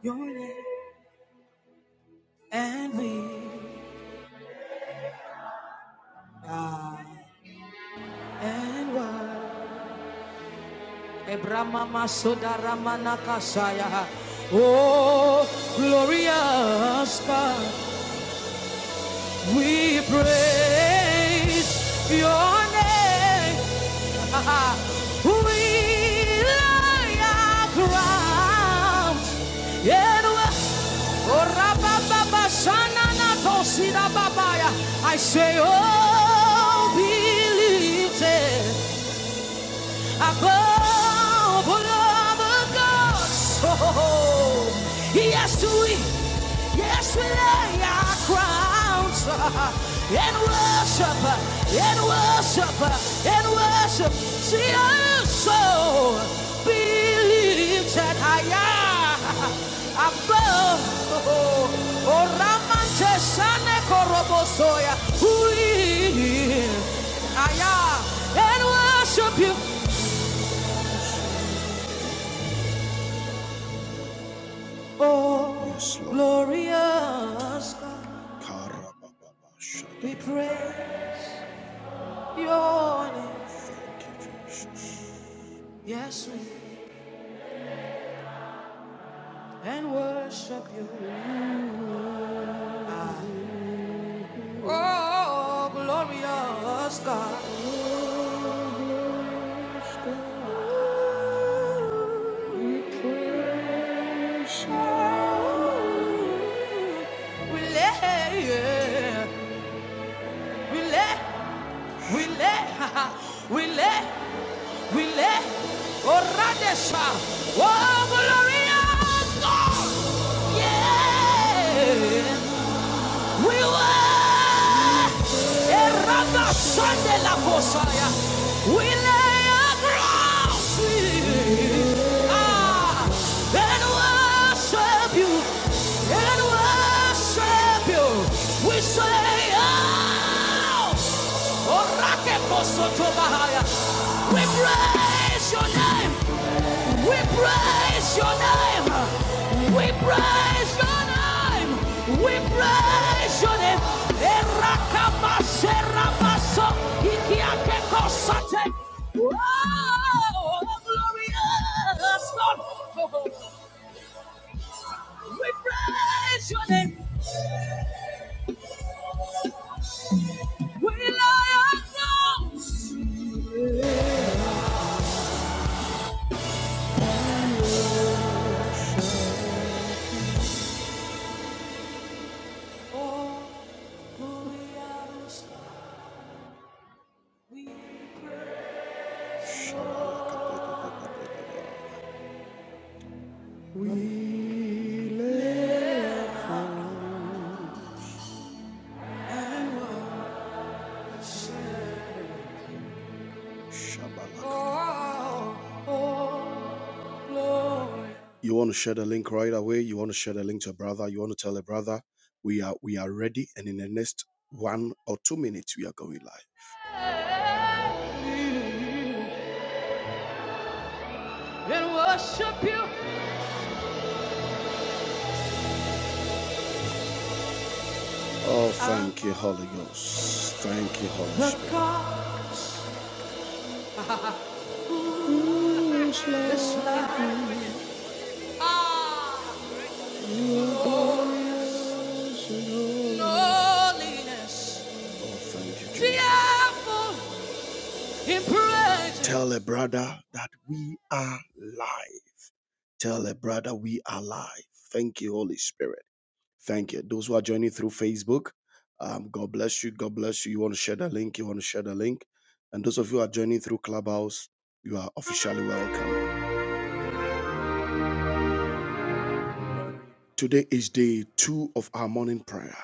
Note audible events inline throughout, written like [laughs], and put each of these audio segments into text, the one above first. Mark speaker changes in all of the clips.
Speaker 1: Your name and we are and why Ebramama Sodaramana Kasaya Oh glorious God we praise your name [laughs] We lay our crowns in worship. Oh, rabababa, shanana, tosida, babaya. I say, oh, believe it above all other gods. Oh, yes, we, yes, we lay our crowns and worship, and worship, and worship. See also believe that I am above. Oh, Ramante Sane Korobosoya. Who is I am and worship you. Oh, Yes, glorious God, we ra pray your name. Yes, we and worship you. Ah. Oh, glorious God, We praise you. we lay, yeah. we lay, we lay, [laughs] we lay. We let Oradesha. Oh, glorious God! Yeah! We were Eraba Shande la Kosaya. We lay across it. Ah, and worship you. And worship you. We say, Oh, Orake Posoto Bahaya. We praise your name. We praise your name. We praise your name. We praise your name. Erakabaserabaso, ikiakekosate. Oh, glorious God. We praise your name. We lay our crowns. Oh, glorious God. We praise. Shabbat. You want to share the link right away. You want to share the link to a brother. You want to tell a brother we are we are ready. And in the next one or two minutes, we are going live. And worship you. Oh, thank you, Holy Ghost. Thank you, Holy Spirit. Loneliness. Oh, thank you. Jesus. Tell a brother that we are live. Tell a brother we are live. Thank you, Holy Spirit. Thank you. Those who are joining through Facebook, um, God bless you. God bless you. You want to share the link? You want to share the link? And those of you who are joining through Clubhouse, you are officially welcome. Today is day two of our morning prayer.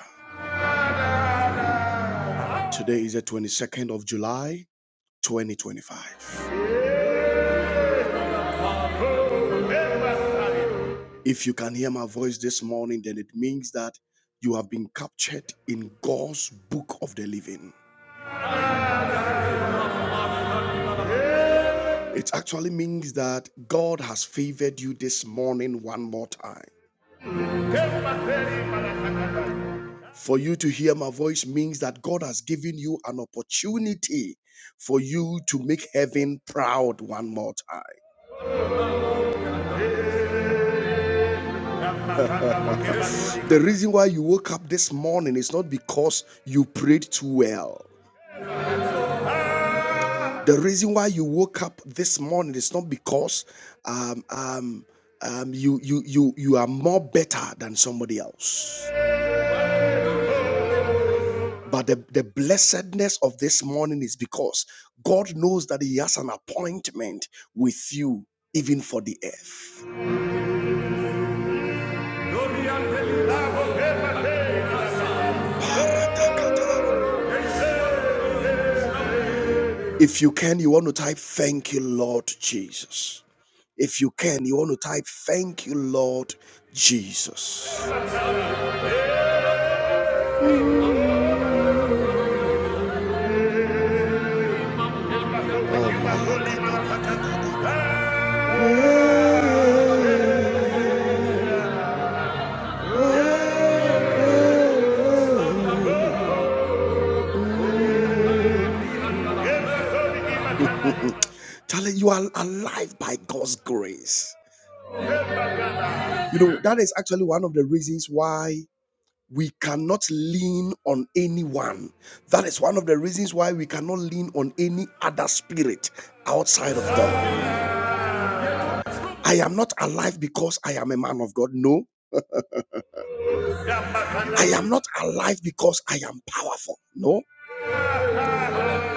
Speaker 1: Today is the 22nd of July, 2025. If you can hear my voice this morning, then it means that you have been captured in God's book of the living. It actually means that God has favored you this morning one more time. For you to hear my voice means that God has given you an opportunity for you to make heaven proud one more time. The reason why you woke up this morning is not because you prayed too well. The reason why you woke up this morning is not because um, um, um, you, you, you, you are more better than somebody else. But the, the blessedness of this morning is because God knows that He has an appointment with you, even for the earth. If you can, you want to type, Thank you, Lord Jesus. If you can, you want to type, Thank you, Lord Jesus. Charlie, you are alive by God's grace. You know, that is actually one of the reasons why we cannot lean on anyone. That is one of the reasons why we cannot lean on any other spirit outside of God. I am not alive because I am a man of God. No. I am not alive because I am powerful. No.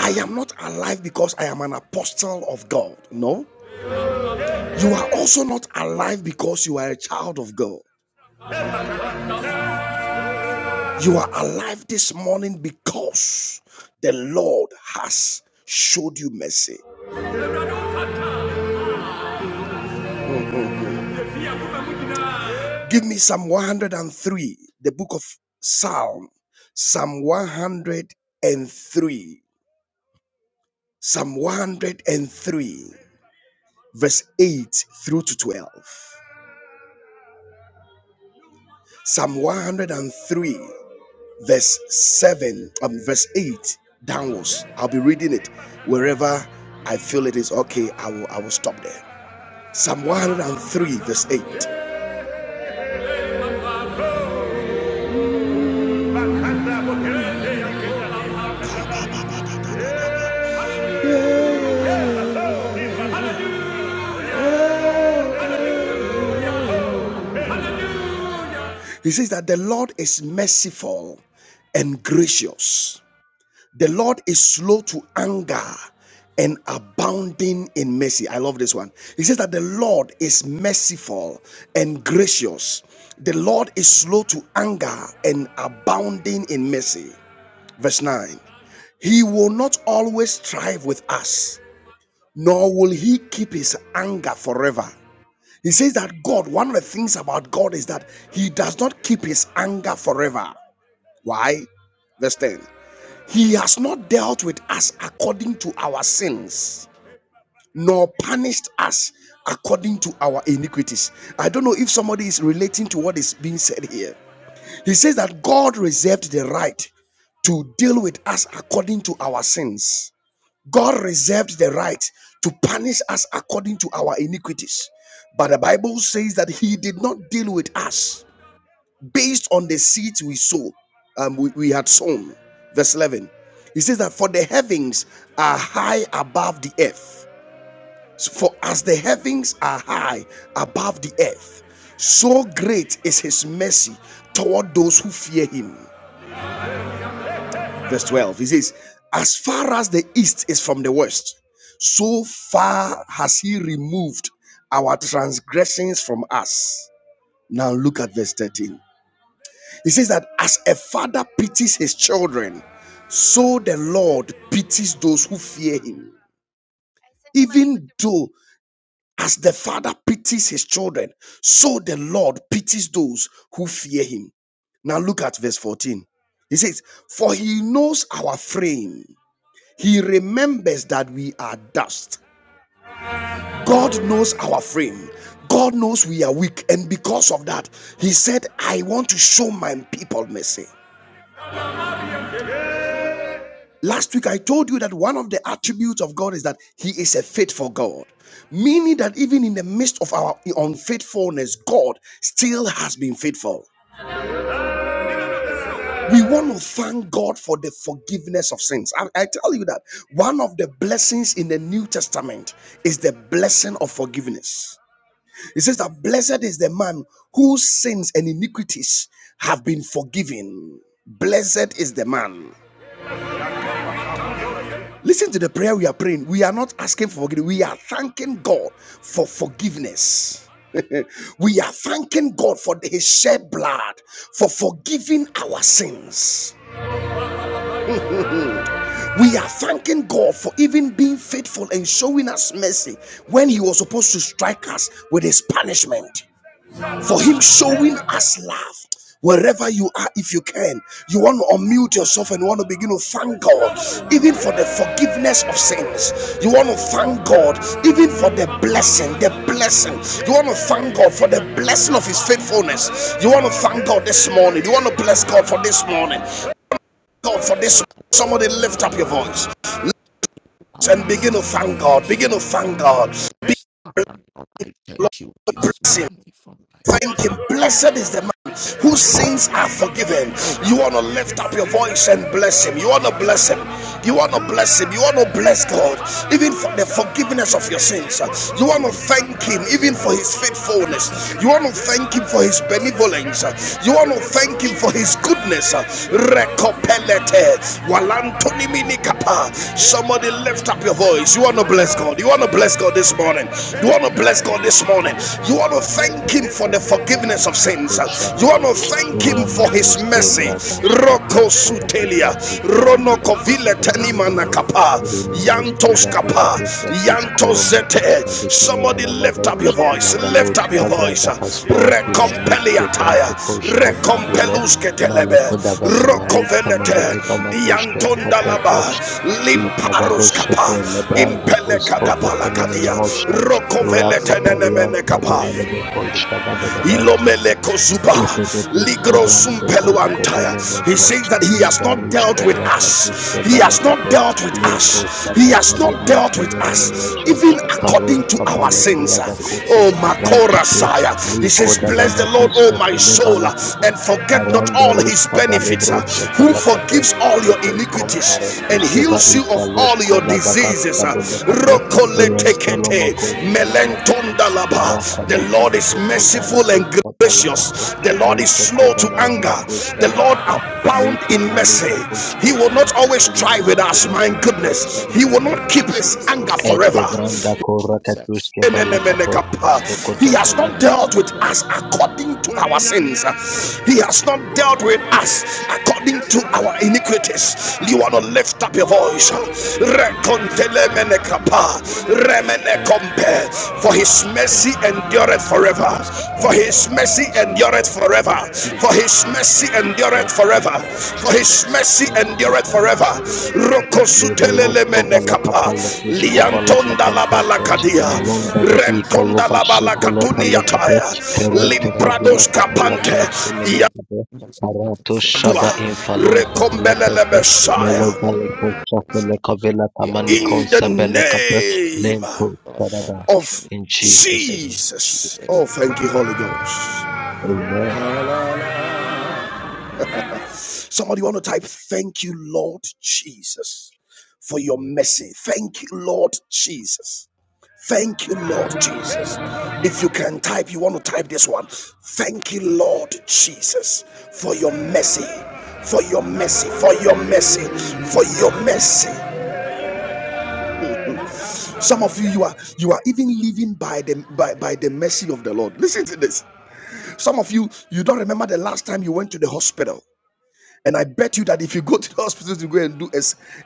Speaker 1: I am not alive because I am an apostle of God. No. You are also not alive because you are a child of God. You are alive this morning because the Lord has showed you mercy. Give me Psalm 103, the book of Psalm, Psalm 103, Psalm 103, verse 8 through to 12. Psalm 103 verse 7 um verse 8 downwards i'll be reading it wherever i feel it is okay i will i will stop there psalm 103 verse 8 he says that the Lord is merciful and gracious. The Lord is slow to anger and abounding in mercy. I love this one. He says that the Lord is merciful and gracious. The Lord is slow to anger and abounding in mercy. Verse 9. He will not always strive with us, nor will he keep his anger forever. He says that God, one of the things about God is that he does not keep his anger forever. Why? Verse 10. He has not dealt with us according to our sins, nor punished us according to our iniquities. I don't know if somebody is relating to what is being said here. He says that God reserved the right to deal with us according to our sins God reserved the right to punish us according to our iniquities. But the Bible says that He did not deal with us based on the seeds we sow, um, we, we had sown. Verse 11. He says that for the heavens are high above the earth. So For as the heavens are high above the earth, so great is his mercy toward those who fear him. verse 12. He says, As far as the east is from the west, so far has he removed our transgressions from us. Now look at verse 13. He says that as a father pities his children, so the Lord pities those who fear him. Even though as the father pities his children, so the Lord pities those who fear him. Now look at verse 14. He says, For he knows our frame He remembers that we are dust. God knows our frame. God knows we are weak. And because of that, He said, I want to show my people mercy. Last week, I told you that one of the attributes of God is that He is a faithful God, meaning that even in the midst of our unfaithfulness, God still has been faithful. We want to thank God for the forgiveness of sins. I, I tell you that one of the blessings in the New Testament is the blessing of forgiveness. It says that blessed is the man whose sins and iniquities have been forgiven. Blessed is the man. Listen to the prayer we are praying. We are not asking for forgiveness. We are thanking God for forgiveness. [laughs] we are thanking God for his shed blood, for forgiving our sins. We are thanking God for even being faithful and showing us mercy when he was supposed to strike us with his punishment. for him showing us love. Wherever you are, if you can, you want to unmute yourself and you want to begin to thank God, even for the forgiveness of sins. You want to thank God, even for the blessing, the blessing. You want to thank God for the blessing of His faithfulness. You want to thank God this morning. You want to bless God for this morning. God for this.
Speaker 2: Shaka
Speaker 1: Somebody
Speaker 2: the
Speaker 1: lift up your voice and begin to
Speaker 2: Parasati
Speaker 1: thank
Speaker 2: or
Speaker 1: God. Begin
Speaker 2: Shaka.
Speaker 1: to thank God. Begin
Speaker 2: Father, Lord, I thank
Speaker 1: to
Speaker 2: you this
Speaker 1: bless Him.
Speaker 2: morning for my
Speaker 1: Thank him. Blessed is
Speaker 2: sin.
Speaker 1: the man whose sins are forgiven. You want to lift up your
Speaker 2: Since the
Speaker 1: voice and
Speaker 2: name
Speaker 1: bless him.
Speaker 2: of
Speaker 1: You want to
Speaker 2: Jesus,
Speaker 1: bless him. You want to bless him. You want to
Speaker 2: that
Speaker 1: bless God, even for
Speaker 2: Papa,
Speaker 1: the forgiveness of your sins. You
Speaker 2: you
Speaker 1: want to
Speaker 2: are to the
Speaker 1: thank him,
Speaker 2: cross.
Speaker 1: even
Speaker 2: I
Speaker 1: for his
Speaker 2: thank
Speaker 1: faithfulness.
Speaker 2: Jesus for
Speaker 1: You
Speaker 2: the
Speaker 1: want to thank him
Speaker 2: forgiveness of
Speaker 1: for his
Speaker 2: my sin.
Speaker 1: benevolence.
Speaker 2: I thank
Speaker 1: You want to
Speaker 2: you, Lord
Speaker 1: thank him for
Speaker 2: Jesus.
Speaker 1: his
Speaker 2: I
Speaker 1: goodness.
Speaker 2: thank you for your good
Speaker 1: Somebody lift up your voice. You
Speaker 2: work
Speaker 1: want to bless God. You want to bless God
Speaker 2: in
Speaker 1: this morning. You want to bless God this morning. You want to thank
Speaker 2: my life.
Speaker 1: thank Him for the forgiveness of sins. You
Speaker 2: I
Speaker 1: want to thank Him for His mercy. Roko
Speaker 2: thank you for your
Speaker 1: sutelia,
Speaker 2: mercy, O
Speaker 1: rono
Speaker 2: Lord.
Speaker 1: kovile
Speaker 2: Sweet
Speaker 1: tenima nakapa,
Speaker 2: Lord. I
Speaker 1: yantos
Speaker 2: thank you,
Speaker 1: kapa,
Speaker 2: I thank
Speaker 1: yantos zete.
Speaker 2: Jesus.
Speaker 1: Somebody
Speaker 2: I
Speaker 1: lift up your voice, lift up your voice.
Speaker 2: forgiveness
Speaker 1: Recompeliataya, recompeluske telebe,
Speaker 3: Malakoda
Speaker 1: roko
Speaker 3: Vabalaud,
Speaker 1: velete,
Speaker 3: Kameneveta Matosha,
Speaker 1: yanton dalaba,
Speaker 3: Copper,
Speaker 1: limparus
Speaker 3: Ipavagoscope
Speaker 1: kapa,
Speaker 3: lebranda
Speaker 1: impele
Speaker 3: proscope
Speaker 1: kadabala kadia,
Speaker 3: tenenenemosha
Speaker 1: roko
Speaker 3: raka
Speaker 1: velete nenemene
Speaker 3: palianta
Speaker 1: kapa.
Speaker 3: binale meko shagada
Speaker 1: Ilomele kozuba,
Speaker 3: Ipedekus
Speaker 1: ligro
Speaker 3: cobran
Speaker 1: sumpelu
Speaker 3: pecos
Speaker 1: antaya. He
Speaker 3: cobelemento
Speaker 1: says that he has not
Speaker 3: lembarus
Speaker 1: dealt with
Speaker 3: cobra patus
Speaker 1: us. He
Speaker 3: kevala
Speaker 1: has not
Speaker 3: cape
Speaker 1: dealt with
Speaker 3: leikos
Speaker 1: us. He has
Speaker 3: tatapale
Speaker 1: not dealt with us,
Speaker 3: antanonemoche
Speaker 1: even
Speaker 3: parus
Speaker 1: according to our
Speaker 3: papale
Speaker 2: of my
Speaker 1: sins.
Speaker 2: sins
Speaker 3: pulavacotis
Speaker 1: Oh,
Speaker 2: and
Speaker 3: cobran
Speaker 1: Makora
Speaker 3: tape
Speaker 1: Saya.
Speaker 2: Jesus.
Speaker 1: He
Speaker 3: leiko
Speaker 1: says,
Speaker 2: What
Speaker 1: Bless the
Speaker 2: is
Speaker 1: Lord,
Speaker 3: davamacus
Speaker 1: oh my
Speaker 2: the
Speaker 1: soul,
Speaker 3: cofelebala
Speaker 2: essence?
Speaker 3: cape
Speaker 1: and forget not all
Speaker 3: parandarus
Speaker 1: his benefits,
Speaker 3: pabalebros
Speaker 1: who
Speaker 3: shatala
Speaker 2: of
Speaker 3: cape
Speaker 1: forgives forgives all your
Speaker 3: Etos
Speaker 1: iniquities
Speaker 2: Thank
Speaker 3: comparatus
Speaker 1: and
Speaker 3: keva
Speaker 1: heals you of
Speaker 3: ifalus
Speaker 1: all your
Speaker 3: kodavagat
Speaker 1: diseases. Uh,
Speaker 3: sabede cape rentolomocos kimona cape
Speaker 1: The
Speaker 3: rapatatis
Speaker 1: Lord is
Speaker 3: kekova
Speaker 1: merciful and
Speaker 3: rapos
Speaker 1: gracious
Speaker 3: papala kapo
Speaker 1: gracious. The
Speaker 3: le
Speaker 1: Lord is slow
Speaker 3: kokova
Speaker 1: to
Speaker 3: la la
Speaker 1: anger.
Speaker 3: makosha
Speaker 1: The
Speaker 3: da
Speaker 1: Lord
Speaker 3: baba.
Speaker 1: abound in
Speaker 3: Lepala
Speaker 1: mercy.
Speaker 3: luva
Speaker 1: He will
Speaker 3: koskofa la
Speaker 1: not always
Speaker 3: kapalian
Speaker 1: strive with us.
Speaker 3: padina le
Speaker 1: My
Speaker 3: makosha
Speaker 1: goodness,
Speaker 3: da
Speaker 1: He
Speaker 2: you,
Speaker 1: will
Speaker 3: baba.
Speaker 1: not
Speaker 2: Lord
Speaker 1: keep His anger
Speaker 2: Jesus.
Speaker 3: Este
Speaker 2: Thank
Speaker 1: forever.
Speaker 2: you,
Speaker 3: vranda
Speaker 2: Lord
Speaker 3: korra
Speaker 2: Jesus.
Speaker 3: katuske
Speaker 1: He
Speaker 2: Thank
Speaker 3: bala
Speaker 2: you,
Speaker 3: kapa. Sokoto
Speaker 2: Jesus.
Speaker 1: has
Speaker 3: fele
Speaker 1: not
Speaker 2: Thank
Speaker 1: dealt
Speaker 2: you,
Speaker 1: with
Speaker 2: Lord
Speaker 1: us
Speaker 2: Jesus.
Speaker 1: according to our sins.
Speaker 2: Jesus.
Speaker 1: He has not
Speaker 2: Thank
Speaker 1: dealt with
Speaker 2: you, Lord
Speaker 1: us according
Speaker 2: Jesus.
Speaker 1: to our
Speaker 2: Thank you, Lord
Speaker 1: iniquities. You want
Speaker 2: Jesus.
Speaker 1: to lift up your
Speaker 2: Thank
Speaker 1: voice.
Speaker 2: you, Lord Jesus. Thank you, Lord
Speaker 1: Rekontelemenekapa,
Speaker 2: Jesus. Thank you, Lord
Speaker 1: remenekompe. For his
Speaker 2: Jesus. Thank
Speaker 1: mercy
Speaker 2: you, Lord
Speaker 1: endureth forever
Speaker 2: Jesus.
Speaker 1: for
Speaker 2: Thank you,
Speaker 1: his mercy
Speaker 2: Lord
Speaker 1: endureth
Speaker 2: Jesus.
Speaker 1: forever
Speaker 2: Thank you,
Speaker 1: for
Speaker 2: Lord
Speaker 1: his
Speaker 2: Jesus.
Speaker 1: mercy endureth
Speaker 2: Thank you,
Speaker 1: forever
Speaker 2: Lord
Speaker 1: for his
Speaker 2: Jesus.
Speaker 1: mercy
Speaker 2: Thank you,
Speaker 1: endureth
Speaker 2: Lord
Speaker 1: forever
Speaker 2: Jesus.
Speaker 3: Whatever.
Speaker 2: Thank you,
Speaker 3: Levolos
Speaker 2: Lord
Speaker 1: rokosutelele
Speaker 2: Jesus.
Speaker 3: kovala
Speaker 1: menekapa
Speaker 3: kapala
Speaker 2: Thank
Speaker 3: tus
Speaker 2: you, Lord
Speaker 3: kovala
Speaker 1: liantonda
Speaker 2: Jesus.
Speaker 3: kapantato
Speaker 2: Thank
Speaker 1: labalakadia
Speaker 2: you,
Speaker 3: malonda
Speaker 2: Lord
Speaker 3: ve i
Speaker 1: rentonda
Speaker 2: Jesus.
Speaker 3: ikolova
Speaker 2: Thank
Speaker 3: shikolo
Speaker 2: you,
Speaker 3: fale
Speaker 2: Lord
Speaker 3: kape
Speaker 1: labalakatuniataya
Speaker 2: Jesus.
Speaker 3: kerete
Speaker 2: Thank
Speaker 3: kovila
Speaker 2: you,
Speaker 1: limprados
Speaker 2: Lord
Speaker 3: kapala
Speaker 1: kapante
Speaker 3: ton
Speaker 2: Jesus. For
Speaker 3: sumene
Speaker 2: the
Speaker 3: kape
Speaker 2: forgiveness of my
Speaker 3: karato
Speaker 1: yatua
Speaker 3: shaba
Speaker 2: sins. Thank you,
Speaker 3: infalon
Speaker 2: Lord
Speaker 3: tefele
Speaker 2: Jesus.
Speaker 1: rekombelele
Speaker 3: teste
Speaker 2: You
Speaker 3: melo
Speaker 1: messiah
Speaker 2: better
Speaker 3: bale
Speaker 2: not put
Speaker 3: kocha
Speaker 2: this
Speaker 3: fele
Speaker 2: stuff up.
Speaker 3: kovila
Speaker 2: Yeah,
Speaker 3: kamani
Speaker 2: that's
Speaker 1: in the
Speaker 3: konsa
Speaker 2: fine. I'm
Speaker 3: bele
Speaker 2: not
Speaker 3: kape
Speaker 2: thank you,
Speaker 1: name
Speaker 3: lento
Speaker 2: God, for
Speaker 3: sarada
Speaker 2: my
Speaker 1: of
Speaker 2: sins.
Speaker 3: in
Speaker 2: In the
Speaker 3: Jesus
Speaker 2: name
Speaker 3: name
Speaker 2: of
Speaker 1: jesus
Speaker 2: Jesus,
Speaker 1: oh thank you holy ghost
Speaker 3: amen
Speaker 1: Somebody want to type, Thank you, Lord Jesus, for your mercy. Thank you, Lord Jesus. Thank you, Lord Jesus. If you can type, you want to type this one. Thank you, Lord Jesus, for your mercy, for your mercy, for your mercy, for your mercy. Some of you, you are you are even living by the by, by the mercy of the Lord. Listen to this. Some of you, you don't remember the last time you went to the hospital. And I bet you that if you go to the [laughs] hospital to go and do a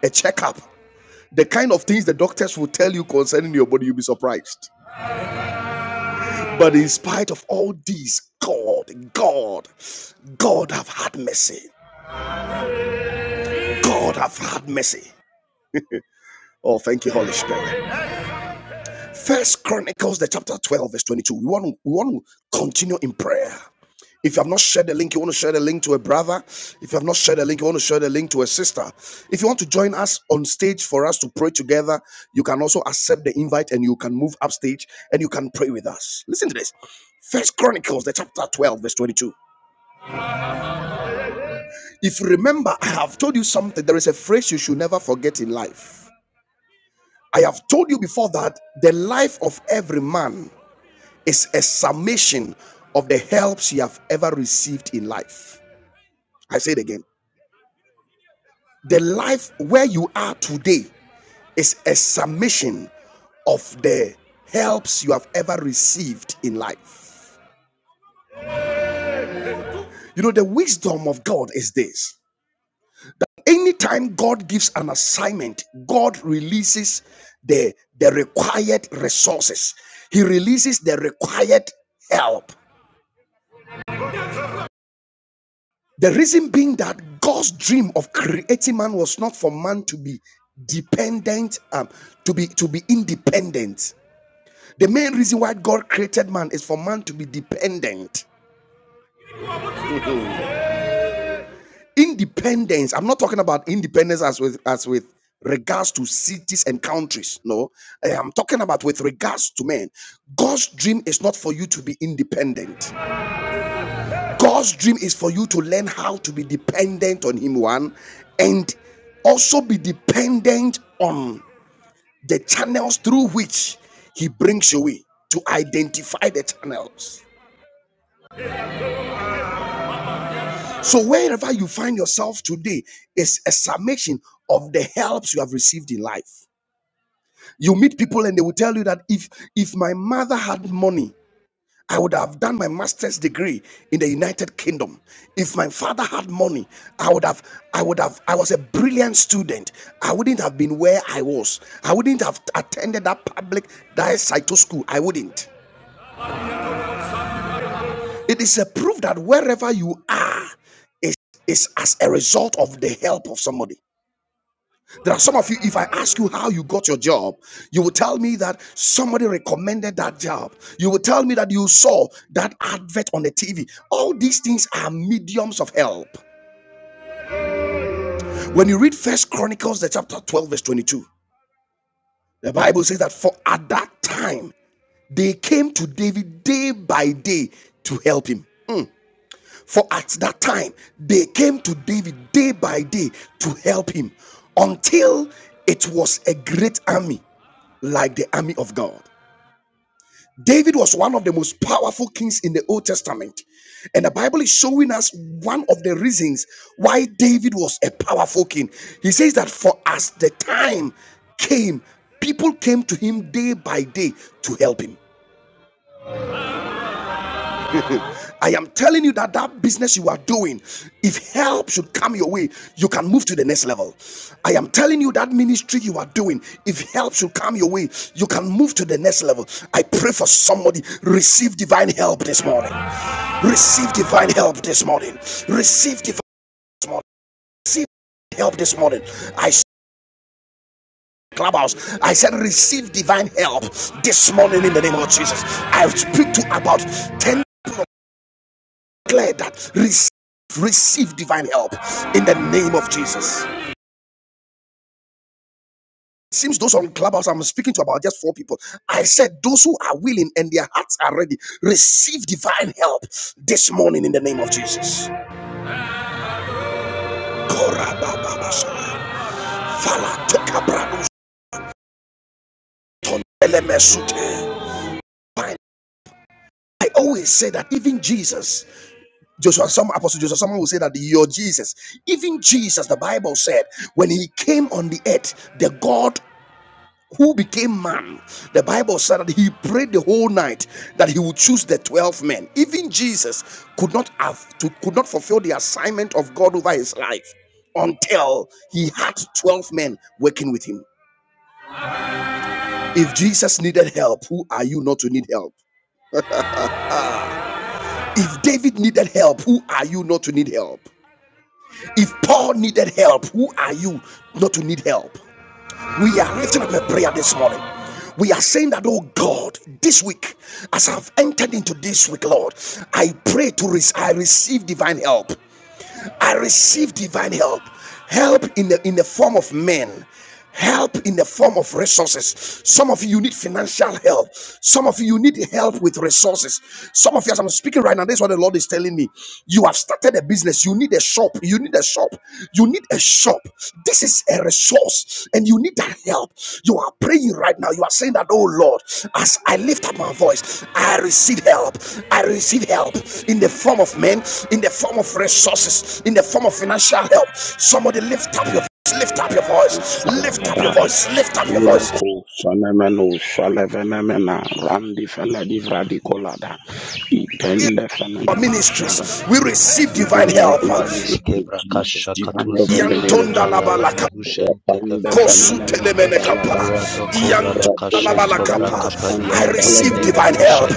Speaker 1: a checkup, the kind of things the doctors will tell you concerning your body, you'll be surprised. But in spite of all these, God, God, God have had mercy. God have had mercy. Oh, thank you, Holy Spirit. First Chronicles, the chapter 12, verse 22. We want, to we want to continue in prayer. If you have not shared the link, you want to share the link to a brother. If you have not shared the link, you want to share the link to a sister. If you want to join us on stage for us to pray together, you can also accept the invite and you can move upstage and you can pray with us. Listen to this. First Chronicles, the chapter 12, verse 22. If you remember, I have told you something. There is a phrase you should never forget in life. I have told you before that the life of every man Is a summation of the helps you have ever received in life. I say it again. The life where you are today is a summation of the helps you have ever received in life. You know, the wisdom of God is this. Anytime God gives an assignment, God releases the, the required resources, He releases the required help. The reason being that God's dream of creating man was not for man to be dependent, um, to be to be independent. The main reason why God created man is for man to be dependent. Mm-hmm. Independence. I'm not talking about independence as with as with regards to cities and countries. No, I am talking about with regards to men. God's dream is not for you to be independent. God's dream is for you to learn how to be dependent on Him, one, and also be dependent on the channels through which He brings you in to identify the channels. So, wherever you find yourself today is a summation of the helps you have received in life. You meet people and they will tell you that if if my mother had money, I would have done my master's degree in the United Kingdom. If my father had money, I would have, I would have, I was a brilliant student. I wouldn't have been where I was. I wouldn't have attended that public diocese school. I wouldn't. It is a proof that wherever you are is, is as a result of the help of somebody. There are some of you, if I ask you how you got your job, you will tell me that somebody recommended that job. You will tell me that you saw that advert on the TV. All these things are mediums of help. When you read First Chronicles, the chapter 12, verse 22, the Bible says that for at that time they came to David day by day to help him. For at that time they came to David day by day to help him until it was a great army like the army of God. David was one of the most powerful kings in the Old Testament. And the Bible is showing us one of the reasons why David was a powerful king. He says that for as the time came, people came to him day by day to help him. [laughs] I am telling you that that business you are doing, if help should come your way, you can move to the next level. I am telling you that ministry you are doing, if help should come your way, you can move to the next level. I pray for somebody, receive divine help this morning. Receive divine help this morning. Receive divine help this morning. Receive help this morning. I clubhouse. I said, receive divine help this morning in the name of Jesus. I speak to about ten. people declare that receive, receive divine help in the name of Jesus. Seems those on Clubhouse I'm speaking to about just four people. I said those who are willing and their hearts are ready receive divine help this morning in the name of Jesus. I always say that even Jesus, Joshua, some apostle Joshua, someone will say that your Jesus, even Jesus, the Bible said, when he came on the earth, the God who became man, the Bible said that he prayed the whole night that he would choose the 12 men. Even Jesus could not have to, could not fulfill the assignment of God over his life until he had 12 men working with him. If Jesus needed help, who are you not to need help? If David needed help, who are you not to need help? If Paul needed help, who are you not to need help? We are lifting up a prayer this morning. We are saying that, oh God, this week, as I've entered into this week, Lord, I pray to re- I receive divine help. I receive divine help. Help in the in the form of men help in the form of resources. Some of you, you need financial help. Some of you, you need help with resources. Some of you, as I'm speaking right now, this is what the Lord is telling me. You have started a business. You need a shop. You need a shop. You need a shop. This is is a resource and you need that help. You are praying right now. You are saying that, oh Lord, as I lift up my voice, I receive help. I receive help in the form of men, in the form of resources, in the form of financial help. Somebody lift up your voice, lift up your voice, lift up your
Speaker 4: Salabadaya.
Speaker 1: voice, lift up your voice.
Speaker 4: Ureko fenomeno felevenemena randi fele divra di colada. Ipende
Speaker 2: in
Speaker 1: Our
Speaker 4: fenomeno
Speaker 2: power
Speaker 4: shada.
Speaker 1: ministries, we
Speaker 2: of
Speaker 1: receive
Speaker 2: us,
Speaker 1: divine
Speaker 4: Divine help
Speaker 1: help.
Speaker 4: in the
Speaker 3: Kovadish
Speaker 4: name of
Speaker 2: in
Speaker 3: Kebra
Speaker 4: Jesus.
Speaker 3: Kasha
Speaker 4: Divine help
Speaker 3: Katuse
Speaker 4: in the name
Speaker 2: the
Speaker 4: of
Speaker 2: last
Speaker 4: Jesus.
Speaker 3: Malala Mahushen
Speaker 4: Repande
Speaker 3: Tekefila
Speaker 2: family,
Speaker 4: fenomeno
Speaker 3: Balalaba
Speaker 4: salabadaya.
Speaker 2: I
Speaker 3: Radoko
Speaker 2: help
Speaker 4: Ureko
Speaker 2: in
Speaker 4: la
Speaker 2: the
Speaker 3: Rabakashes
Speaker 4: di
Speaker 2: name
Speaker 4: fele
Speaker 3: Kobra
Speaker 2: of
Speaker 4: de
Speaker 2: Jesus.
Speaker 4: randi
Speaker 1: I
Speaker 3: Kapadian
Speaker 4: fele de
Speaker 1: receive
Speaker 3: Tomene
Speaker 4: la.
Speaker 1: divine help.
Speaker 3: Moshe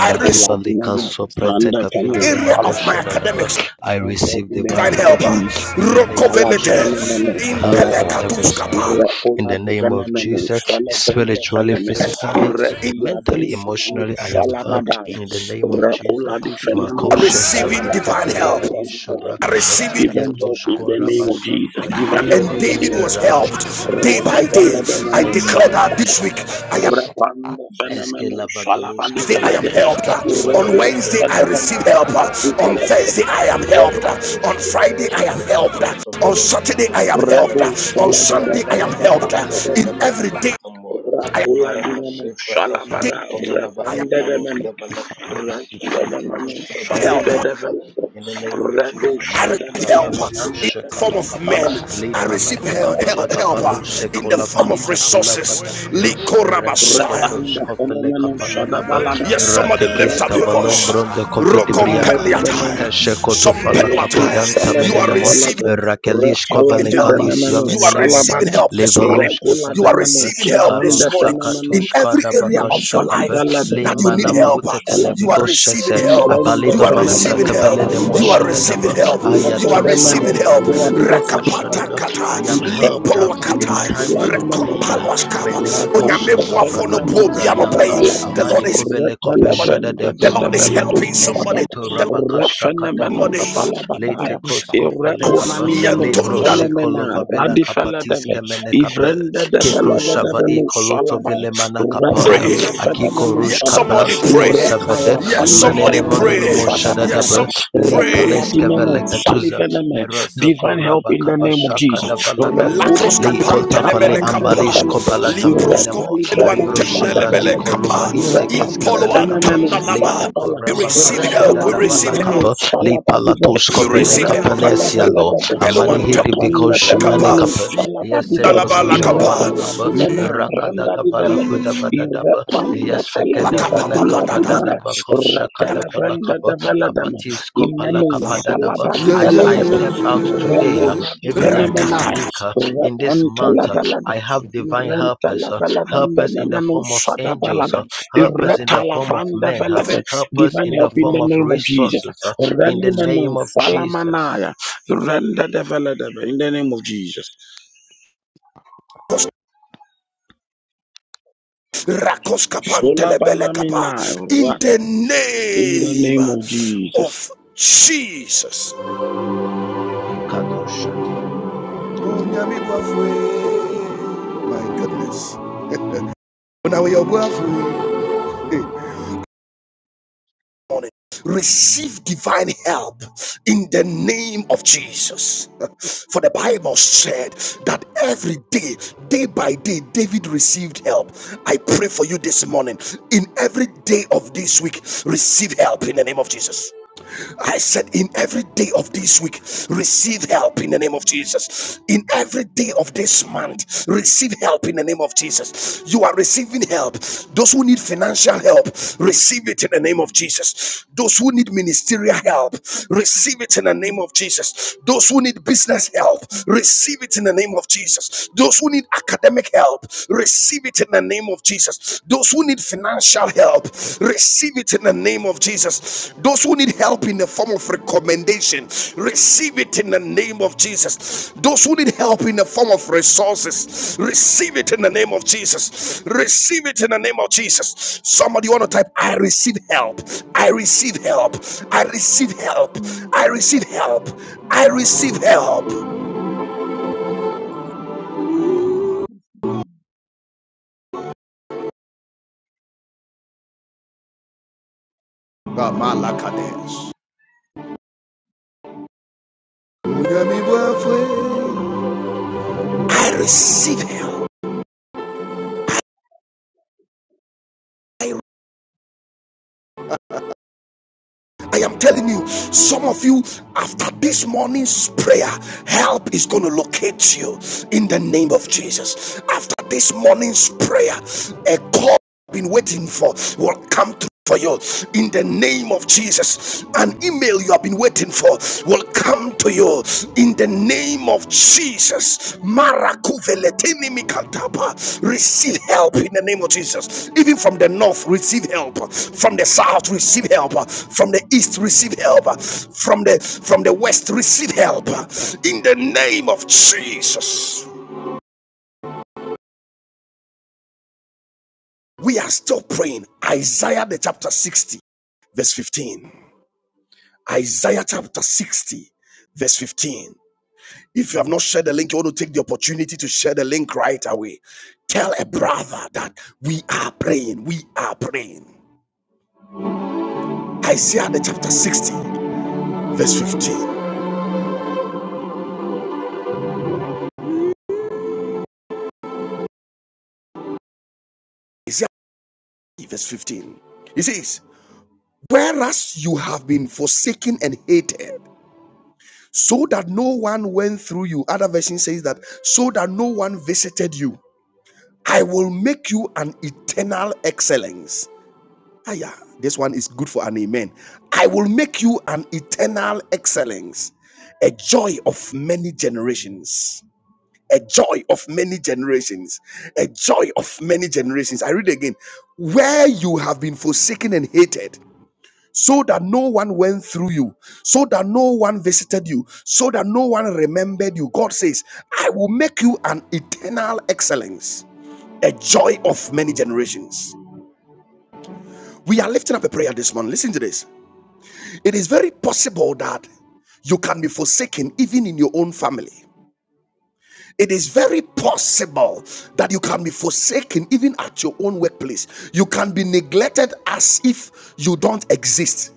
Speaker 1: I receive
Speaker 4: la
Speaker 2: God,
Speaker 4: di fele
Speaker 2: I receive
Speaker 3: Soprete
Speaker 4: randa fele
Speaker 3: Kafile
Speaker 2: divine
Speaker 3: de
Speaker 1: area
Speaker 2: help
Speaker 1: of
Speaker 2: in the
Speaker 1: my
Speaker 3: Makosha
Speaker 4: salabadaya.
Speaker 2: name of
Speaker 3: Dadaba.
Speaker 1: academics.
Speaker 3: I
Speaker 2: Jesus.
Speaker 4: Divine
Speaker 2: I
Speaker 4: help
Speaker 3: receive
Speaker 2: help
Speaker 4: in the
Speaker 3: divine
Speaker 1: Divine
Speaker 4: name of
Speaker 3: help
Speaker 1: helper,
Speaker 4: Jesus.
Speaker 3: in the name of
Speaker 4: Apala di
Speaker 1: Rokovelete,
Speaker 3: Jesus.
Speaker 2: every
Speaker 4: fenemeno
Speaker 3: I am helped
Speaker 2: my
Speaker 4: salaba.
Speaker 3: on every side
Speaker 1: Impelekatuskapa,
Speaker 4: Re
Speaker 3: in
Speaker 4: ola
Speaker 3: the
Speaker 4: di
Speaker 3: name of
Speaker 4: fenemeno
Speaker 3: Jesus.
Speaker 4: sale brende
Speaker 3: Spiritually,
Speaker 4: feneme.
Speaker 3: physically,
Speaker 4: Re
Speaker 2: neediness,
Speaker 1: in
Speaker 4: di
Speaker 2: my
Speaker 3: mentally,
Speaker 4: avendi
Speaker 2: social, my
Speaker 4: nanu
Speaker 3: emotionally, I
Speaker 2: death,
Speaker 3: am
Speaker 2: I
Speaker 3: helped
Speaker 4: salabadaya.
Speaker 2: need
Speaker 3: in the
Speaker 2: to
Speaker 3: name of
Speaker 2: get
Speaker 4: Re
Speaker 2: the
Speaker 3: Jesus.
Speaker 2: pick
Speaker 4: ola di
Speaker 2: up the ass. In
Speaker 4: fenemeno
Speaker 2: power
Speaker 3: Makoshesa
Speaker 1: receiving
Speaker 2: of
Speaker 4: salabadaya.
Speaker 1: divine
Speaker 3: Freteko
Speaker 2: the
Speaker 1: help,
Speaker 3: Raba in Shobrakapa
Speaker 1: receiving.
Speaker 2: Lord,
Speaker 4: Even
Speaker 2: God,
Speaker 4: help in
Speaker 2: I
Speaker 3: Ketoshko
Speaker 4: the name
Speaker 2: receive
Speaker 3: Raba
Speaker 4: of Jesus.
Speaker 3: Santa
Speaker 2: thine
Speaker 4: Even
Speaker 2: help
Speaker 4: help
Speaker 1: And
Speaker 3: Labadaba
Speaker 4: in
Speaker 2: in
Speaker 4: the
Speaker 2: the
Speaker 1: David
Speaker 4: name
Speaker 2: name
Speaker 4: of
Speaker 1: was
Speaker 4: Jesus.
Speaker 2: of
Speaker 1: helped
Speaker 3: Randeka
Speaker 2: Jesus.
Speaker 4: Re
Speaker 1: day
Speaker 2: I
Speaker 1: by
Speaker 3: Valabroshka
Speaker 2: receive
Speaker 1: day. I
Speaker 4: fenemeno
Speaker 3: Preteske de
Speaker 1: declare that this
Speaker 3: Brakoshe
Speaker 4: salabadaya.
Speaker 1: week
Speaker 3: Kadaba,
Speaker 1: I am
Speaker 4: Re pande fenemeno
Speaker 3: Eskela
Speaker 2: thine
Speaker 4: salabadi
Speaker 2: help
Speaker 3: bagalushka
Speaker 1: Tuesday I
Speaker 2: in
Speaker 1: am
Speaker 2: the
Speaker 4: velede.
Speaker 3: velakate
Speaker 2: name
Speaker 1: helped.
Speaker 2: of Jesus.
Speaker 4: Re
Speaker 3: limbro
Speaker 1: On
Speaker 4: do
Speaker 3: de
Speaker 2: I
Speaker 1: Wednesday I
Speaker 3: ketusko
Speaker 2: receive
Speaker 1: receive
Speaker 4: sedevena
Speaker 3: vrasa
Speaker 1: help.
Speaker 2: thine
Speaker 4: rabi
Speaker 3: prata
Speaker 1: On
Speaker 3: bele ne
Speaker 4: velede.
Speaker 1: Thursday I
Speaker 3: mantoto
Speaker 1: am
Speaker 3: skede
Speaker 1: helped.
Speaker 2: help
Speaker 3: brako
Speaker 1: On
Speaker 2: in
Speaker 3: shadade
Speaker 1: Friday I am
Speaker 3: le
Speaker 1: helped.
Speaker 3: bako
Speaker 1: On
Speaker 3: sovele
Speaker 1: Saturday I am
Speaker 3: manamrando
Speaker 1: helped.
Speaker 3: shkada
Speaker 4: Rebu
Speaker 2: the
Speaker 1: On
Speaker 2: name
Speaker 3: brakatusa
Speaker 2: of Jesus. I receive
Speaker 4: Shalabada
Speaker 2: thine
Speaker 1: Sunday I am
Speaker 4: Balabu
Speaker 3: avago
Speaker 1: helped.
Speaker 4: Panda de
Speaker 1: In
Speaker 3: seska
Speaker 1: every
Speaker 3: prete
Speaker 4: Menusa.
Speaker 1: day
Speaker 3: petambora
Speaker 1: I
Speaker 3: e
Speaker 1: am
Speaker 4: Rakula
Speaker 2: I receive thine
Speaker 4: di
Speaker 3: maraka
Speaker 2: help
Speaker 4: Menu
Speaker 3: she
Speaker 2: in the
Speaker 3: pratasko
Speaker 2: name
Speaker 1: helped.
Speaker 4: Shalabada
Speaker 2: of Jesus. I
Speaker 3: komenava in
Speaker 4: Repanda de Menu.
Speaker 3: kaluske
Speaker 2: receive thine
Speaker 3: velakate
Speaker 2: help in the name of Jesus. I receive thine help
Speaker 4: Rakula de
Speaker 3: retetu
Speaker 4: Menu
Speaker 3: shobranta
Speaker 4: Shalibada
Speaker 3: kapa
Speaker 4: Velabu.
Speaker 3: in the name of
Speaker 2: in
Speaker 4: Rebu
Speaker 2: the
Speaker 1: I
Speaker 3: Jesus.
Speaker 2: name of Jesus. I receive thine help in the name of Jesus.
Speaker 1: receive help in
Speaker 4: Shadabala
Speaker 3: Kadabako
Speaker 4: Panda de
Speaker 1: the form
Speaker 4: Menu
Speaker 1: of
Speaker 3: shekalakapa,
Speaker 4: Shalabada.
Speaker 1: men. I receive hel- hel-
Speaker 3: lipalatakabala
Speaker 1: help
Speaker 3: gavalu
Speaker 1: in the
Speaker 3: shekolava
Speaker 1: form of
Speaker 3: itakulava
Speaker 1: resources.
Speaker 3: Reseketo
Speaker 1: Likorabashaya.
Speaker 4: Rapanda
Speaker 3: skopele
Speaker 4: Fenomeno
Speaker 3: kapalalaba.
Speaker 4: Shadabalada,
Speaker 2: In the
Speaker 1: Yes,
Speaker 2: act
Speaker 1: somebody lift
Speaker 3: Ratekes
Speaker 2: of
Speaker 1: up
Speaker 2: my
Speaker 1: your
Speaker 2: life,
Speaker 1: voice.
Speaker 4: Rakivanova,
Speaker 3: kavalombron
Speaker 2: I
Speaker 3: de covid
Speaker 4: Apivano
Speaker 3: briakapa.
Speaker 2: find help
Speaker 1: Rokompeliataya.
Speaker 4: Benemoki,
Speaker 2: I
Speaker 3: Keshekoto fala
Speaker 4: Rapu
Speaker 3: kapidanta
Speaker 2: invite
Speaker 1: Sompeluataya. You
Speaker 2: us
Speaker 1: are
Speaker 3: menenemo.
Speaker 1: receiving
Speaker 4: Salabadabelado,
Speaker 2: to
Speaker 3: Rakelish
Speaker 4: Rapala
Speaker 1: receiving
Speaker 3: kovale
Speaker 4: di
Speaker 1: help.
Speaker 3: kalis
Speaker 4: Benemeno,
Speaker 1: You
Speaker 2: protection.
Speaker 1: are
Speaker 3: yomenenemoza.
Speaker 1: receiving
Speaker 4: Salabada,
Speaker 1: help this morning.
Speaker 3: Levelush
Speaker 4: Rapula
Speaker 1: You
Speaker 4: di
Speaker 3: kepele
Speaker 1: are
Speaker 2: I
Speaker 3: kape.
Speaker 4: Meno,
Speaker 1: receiving help this
Speaker 4: Chevranda
Speaker 3: Karusa
Speaker 1: morning
Speaker 4: Fenomeno,
Speaker 1: in
Speaker 3: katush
Speaker 1: every
Speaker 3: kada
Speaker 1: area of your
Speaker 4: Rapati
Speaker 3: bakashakape.
Speaker 1: life
Speaker 4: Balada,
Speaker 1: that you
Speaker 3: Lima
Speaker 1: need
Speaker 4: Benemeno,
Speaker 1: help.
Speaker 3: namahute
Speaker 1: You are
Speaker 3: tenevigo
Speaker 4: Salabada,
Speaker 1: receiving
Speaker 3: shese.
Speaker 1: help.
Speaker 4: Urenda
Speaker 1: You
Speaker 3: Abalido
Speaker 1: are
Speaker 3: vahusa
Speaker 1: receiving
Speaker 4: Fenomeno,
Speaker 1: help.
Speaker 3: kebelele mo
Speaker 1: You are
Speaker 4: Salibenemena,
Speaker 1: receiving
Speaker 3: shadadaba.
Speaker 1: help. You
Speaker 4: Leda
Speaker 1: are
Speaker 3: Ayatun
Speaker 4: de Mene,
Speaker 1: receiving
Speaker 3: somene
Speaker 1: help.
Speaker 3: gavelele
Speaker 4: Luanda
Speaker 3: bako
Speaker 1: Rakapata
Speaker 3: shadada.
Speaker 4: Salibelada,
Speaker 1: kata
Speaker 3: I am helped
Speaker 4: Ifenda
Speaker 3: uh,
Speaker 1: limpolwa
Speaker 4: Bali,
Speaker 3: in
Speaker 1: kata
Speaker 3: times of need
Speaker 4: Sulamaneka,
Speaker 1: rekompalwa skaba
Speaker 3: melevego soso
Speaker 1: onyamebua fono
Speaker 4: Rapampenemeno
Speaker 3: prakatunza
Speaker 1: bobia no
Speaker 3: dianta
Speaker 1: pay.
Speaker 4: Shadabalada,
Speaker 2: I
Speaker 1: The
Speaker 3: amani
Speaker 1: Lord is
Speaker 2: receive
Speaker 3: kovele
Speaker 2: it
Speaker 1: somebody.
Speaker 3: kopeshadade
Speaker 4: Retelevrenda de
Speaker 1: the
Speaker 2: in the
Speaker 1: Lord is
Speaker 2: name of
Speaker 4: Develado
Speaker 1: helping
Speaker 2: Jesus.
Speaker 1: somebody.
Speaker 4: Sabada,
Speaker 2: In
Speaker 1: The
Speaker 3: Esketorabaka
Speaker 2: the
Speaker 4: Refenemeno
Speaker 3: shakadapa
Speaker 1: Lord
Speaker 2: one,
Speaker 3: kapa
Speaker 1: is
Speaker 2: it could
Speaker 3: late
Speaker 4: Salabadaya,
Speaker 2: be
Speaker 3: koskofele
Speaker 2: of my
Speaker 3: kapa
Speaker 1: somebody.
Speaker 2: life.
Speaker 4: Ireunanimeno
Speaker 2: I
Speaker 3: lebro
Speaker 1: Yantunda
Speaker 4: Fenomena,
Speaker 2: receive
Speaker 3: shekolova vela
Speaker 4: Radifele
Speaker 3: kapatis
Speaker 4: Deve,
Speaker 3: kemene kapa
Speaker 4: Ivrende
Speaker 3: kekro
Speaker 4: Develeve
Speaker 3: shava
Speaker 4: Devenu
Speaker 3: ikoloto
Speaker 4: Salabaya,
Speaker 3: vele
Speaker 2: the
Speaker 3: manakapaya
Speaker 4: Retande
Speaker 1: Pray.
Speaker 3: akiko
Speaker 4: Fenomeno
Speaker 1: Yes,
Speaker 3: rush
Speaker 4: Sada,
Speaker 2: I
Speaker 1: somebody
Speaker 3: kabranti
Speaker 1: pray.
Speaker 3: kosavade
Speaker 1: Yes,
Speaker 2: in the
Speaker 4: Irecalapande
Speaker 1: somebody
Speaker 3: manene
Speaker 1: pray.
Speaker 4: Fenomeno
Speaker 3: monono
Speaker 1: Yes,
Speaker 4: Sadabalada,
Speaker 3: moshadadaba
Speaker 1: somebody pray.
Speaker 3: likaleske vele
Speaker 4: Reculadimeno
Speaker 3: katuza
Speaker 4: Saliveneme,
Speaker 3: meroto
Speaker 2: receive
Speaker 4: Divine help in
Speaker 2: divine
Speaker 3: korabaka
Speaker 4: the
Speaker 2: help
Speaker 4: name of
Speaker 2: of
Speaker 4: Jesus.
Speaker 3: bashakadavala kapa
Speaker 4: Refunim
Speaker 1: Lacrosca
Speaker 4: and
Speaker 3: leikota fale
Speaker 1: pantenemene
Speaker 2: in
Speaker 4: Rapanda
Speaker 2: the
Speaker 1: capa.
Speaker 3: ambalish kobalata
Speaker 1: Limprosco
Speaker 3: menenemo
Speaker 2: city,
Speaker 4: Irepalivreko
Speaker 2: divine
Speaker 3: ribro
Speaker 2: help
Speaker 1: antende
Speaker 2: in
Speaker 3: shebrati
Speaker 1: lebele
Speaker 4: Sadabelad,
Speaker 3: kolova
Speaker 1: capa.
Speaker 3: intekeske
Speaker 4: Irepanda
Speaker 1: Impolo
Speaker 3: vele kapa
Speaker 4: Fenemenu
Speaker 1: antanda
Speaker 3: lete
Speaker 1: laba.
Speaker 4: Sadabala,
Speaker 1: We
Speaker 3: korabaka
Speaker 1: receive help. We
Speaker 3: shadada
Speaker 4: Irekuladi
Speaker 1: receive help.
Speaker 4: Menu
Speaker 3: balakapa
Speaker 4: Salabadiva,
Speaker 3: lipalatos
Speaker 1: We
Speaker 3: kovele
Speaker 1: receive help.
Speaker 3: kapanesia
Speaker 4: Irentelevelad,
Speaker 3: lo
Speaker 1: Pelo
Speaker 3: amani
Speaker 1: antende
Speaker 3: hidi viko
Speaker 4: Rapanda
Speaker 3: shimani
Speaker 1: capa.
Speaker 4: Fenemenu
Speaker 3: kapa
Speaker 2: in
Speaker 3: yese
Speaker 4: Salabadiva,
Speaker 1: Yalaba la
Speaker 3: kotush
Speaker 1: capa.
Speaker 3: kovala
Speaker 2: the
Speaker 4: Irekuladi
Speaker 3: kapa
Speaker 2: name
Speaker 4: Mena Randa
Speaker 3: rakadaga
Speaker 2: of
Speaker 4: Divelad,
Speaker 2: Jesus,
Speaker 3: balakuda badadaba
Speaker 4: Irepanda
Speaker 3: yese
Speaker 1: La
Speaker 3: kede
Speaker 4: Feladiva
Speaker 1: capa
Speaker 3: vele
Speaker 1: papa
Speaker 3: kapa
Speaker 1: daga.
Speaker 4: Kuladina,
Speaker 2: I
Speaker 3: dadaba
Speaker 2: receive I receive in
Speaker 3: koshakada
Speaker 2: the
Speaker 4: Retelevrenda
Speaker 3: balakapa
Speaker 2: mighty
Speaker 4: Develadam,
Speaker 2: name
Speaker 3: abatis kopala
Speaker 4: Imenu
Speaker 2: of Jesus,
Speaker 3: kapa
Speaker 2: I receive
Speaker 3: dadaba
Speaker 1: Yeah, yeah,
Speaker 3: I, I
Speaker 1: yeah,
Speaker 4: Salabadiveladam,
Speaker 3: step
Speaker 2: it. in
Speaker 3: out
Speaker 2: the
Speaker 3: today
Speaker 1: yeah.
Speaker 3: uh,
Speaker 4: Irekuladi
Speaker 2: mighty
Speaker 3: even
Speaker 1: yeah.
Speaker 3: in
Speaker 2: I
Speaker 3: this
Speaker 4: Fenemenai,
Speaker 1: Rakataka.
Speaker 3: week uh, in this
Speaker 4: Repanta
Speaker 3: month
Speaker 2: in
Speaker 3: uh, I
Speaker 4: lavalade.
Speaker 2: the
Speaker 3: have
Speaker 2: name
Speaker 3: divine
Speaker 4: Renta
Speaker 3: helpers uh,
Speaker 4: lava lavanda
Speaker 3: helpers
Speaker 4: na
Speaker 3: in the form
Speaker 2: of
Speaker 3: of
Speaker 4: manusa
Speaker 2: Jesus,
Speaker 4: da
Speaker 2: in
Speaker 3: angels
Speaker 2: the
Speaker 4: balada.
Speaker 3: uh,
Speaker 2: name of
Speaker 3: Help us in the
Speaker 4: Ireta
Speaker 2: Jesus,
Speaker 3: form of
Speaker 4: lavanda
Speaker 3: men. huh?
Speaker 4: velade.
Speaker 3: Help us
Speaker 4: Divine
Speaker 3: in the
Speaker 4: help
Speaker 2: in the
Speaker 4: in
Speaker 3: form
Speaker 4: the
Speaker 2: name of
Speaker 3: of
Speaker 2: Jesus,
Speaker 4: name
Speaker 2: I
Speaker 4: of Jesus.
Speaker 3: resources. huh? In
Speaker 4: Reni
Speaker 3: the
Speaker 2: receive
Speaker 4: manu
Speaker 3: name of
Speaker 2: the fire,
Speaker 3: Jesus.
Speaker 4: falamanaya. Renda de velade in the name of Jesus. Sholabanamina
Speaker 1: In
Speaker 4: ra-
Speaker 1: the
Speaker 4: in the
Speaker 1: name
Speaker 4: name of Jesus.
Speaker 1: of Jesus.
Speaker 3: Ekadoshata.
Speaker 1: My goodness. Eh. Receive divine help in the name of Jesus. For the Bible said that every day, day by day, David received help. I pray for you this morning. In every day of this week, receive help in the name of Jesus. I said, in every day of this week, receive help in the name of Jesus. In every day of this
Speaker 5: He
Speaker 1: month, receive help in the name of Jesus. You are receiving help. Those who need financial help, receive it in the name of Jesus. Those who need ministerial help, receive it in the name of Jesus. Those who need business help, receive it in the name of Jesus. Those who need academic help, receive it in the name of Jesus. Jesus. Those who need financial help, receive it in the name of Jesus. Those who need help in the form of recommendation, receive it in the name of Jesus. Those who need help in the form of resources, receive it in the name of Jesus. Receive it in the name of Jesus. Somebody want to type, I receive help. I receive help. I receive help. I receive help. I receive help. I receive help. I receive help. I am telling you, some of you, after this morning's prayer, help is going to locate you in the name of Jesus. After this morning's prayer, a call you've been waiting for will come through for you in the name of Jesus. An email you have been waiting for will come to you you in the name of Jesus. Marakuveletini mikatapa. Receive help in the name of Jesus. Even from the north, receive help. From the south, receive help. From the east, receive help. From the from the west, receive help. In the name of Jesus. We are still praying. Isaiah the chapter 60, verse 15. Isaiah chapter 60, verse 15. If you have not shared the link, you want to take the opportunity to share the link right away. Tell a brother that we are praying. We are praying. Isaiah the chapter 60, verse 15. Isaiah verse 15. It says, Whereas you have been forsaken and hated, so that no one went through you. Other version says that, so that no one visited you. I will make you an eternal excellence Ah, yeah, this one is good for an amen. I will make you an eternal excellence, a joy of many generations. A joy of many generations, a joy of many generations. I read again, where you have been forsaken and hated, so that no one went through you, so that no one visited you, so that no one remembered you. God says, I will make you an eternal excellence, a joy of many generations. We are lifting up a prayer this morning. Listen to this. It is very possible that you can be forsaken even in your own family. It is very possible that you can be forsaken even at your own workplace. You can be neglected as if you don't exist.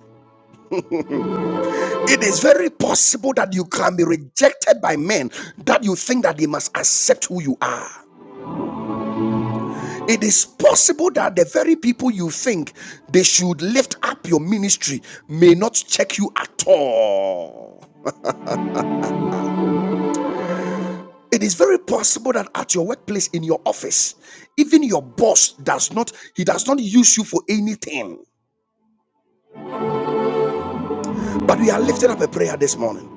Speaker 1: It is very possible that you can be rejected by men that you think that they must accept who you are. It is possible that the very people you think they should lift up your ministry may not check you at all. It is very possible that at your workplace, in your office, even your boss does not, he does not use you for anything. But we are lifting up a prayer this morning.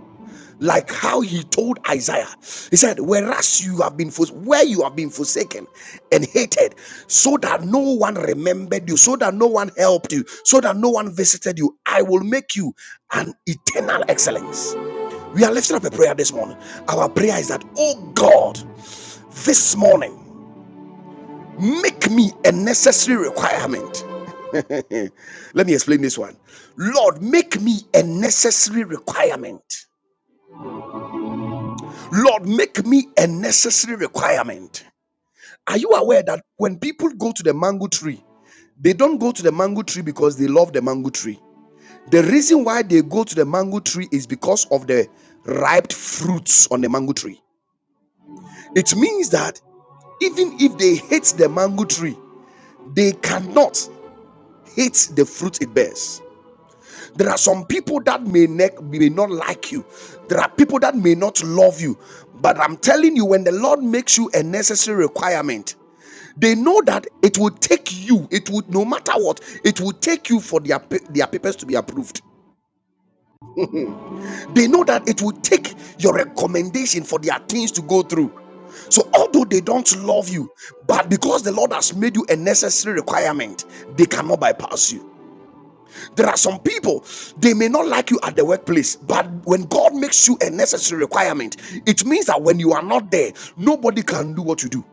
Speaker 1: Like how he told Isaiah, he said, Whereas you have been fors- where you have been forsaken and hated, so that no one remembered you, so that no one helped you, so that no one visited you, I will make you an eternal excellence. We are lifting up a prayer this morning. Our prayer is that, oh God, this morning. Make me a necessary requirement. [laughs] Let me explain this one. Lord, make me a necessary requirement. Lord, make me a necessary requirement. Are you aware that when people go to the mango tree, they don't go to the mango tree because they love the mango tree? The reason why they go to the mango tree is because of the ripe fruits on the mango tree. It means that even if they hate the mango tree, they cannot hate the fruit it bears. There are some people that may, ne- may not like you. There are people that may not love you. But I'm telling you, when the Lord makes you a necessary requirement, they know that it will take you, it would no matter what, it will take you for their, their papers to be approved. They know that it will take your recommendation for their things to go through. So, although they don't love you, but because the Lord has made you a necessary requirement, they cannot bypass you. There are some people, they may not like you at the workplace, but when God makes you a necessary requirement, it means that when you are not there, nobody can do what you do.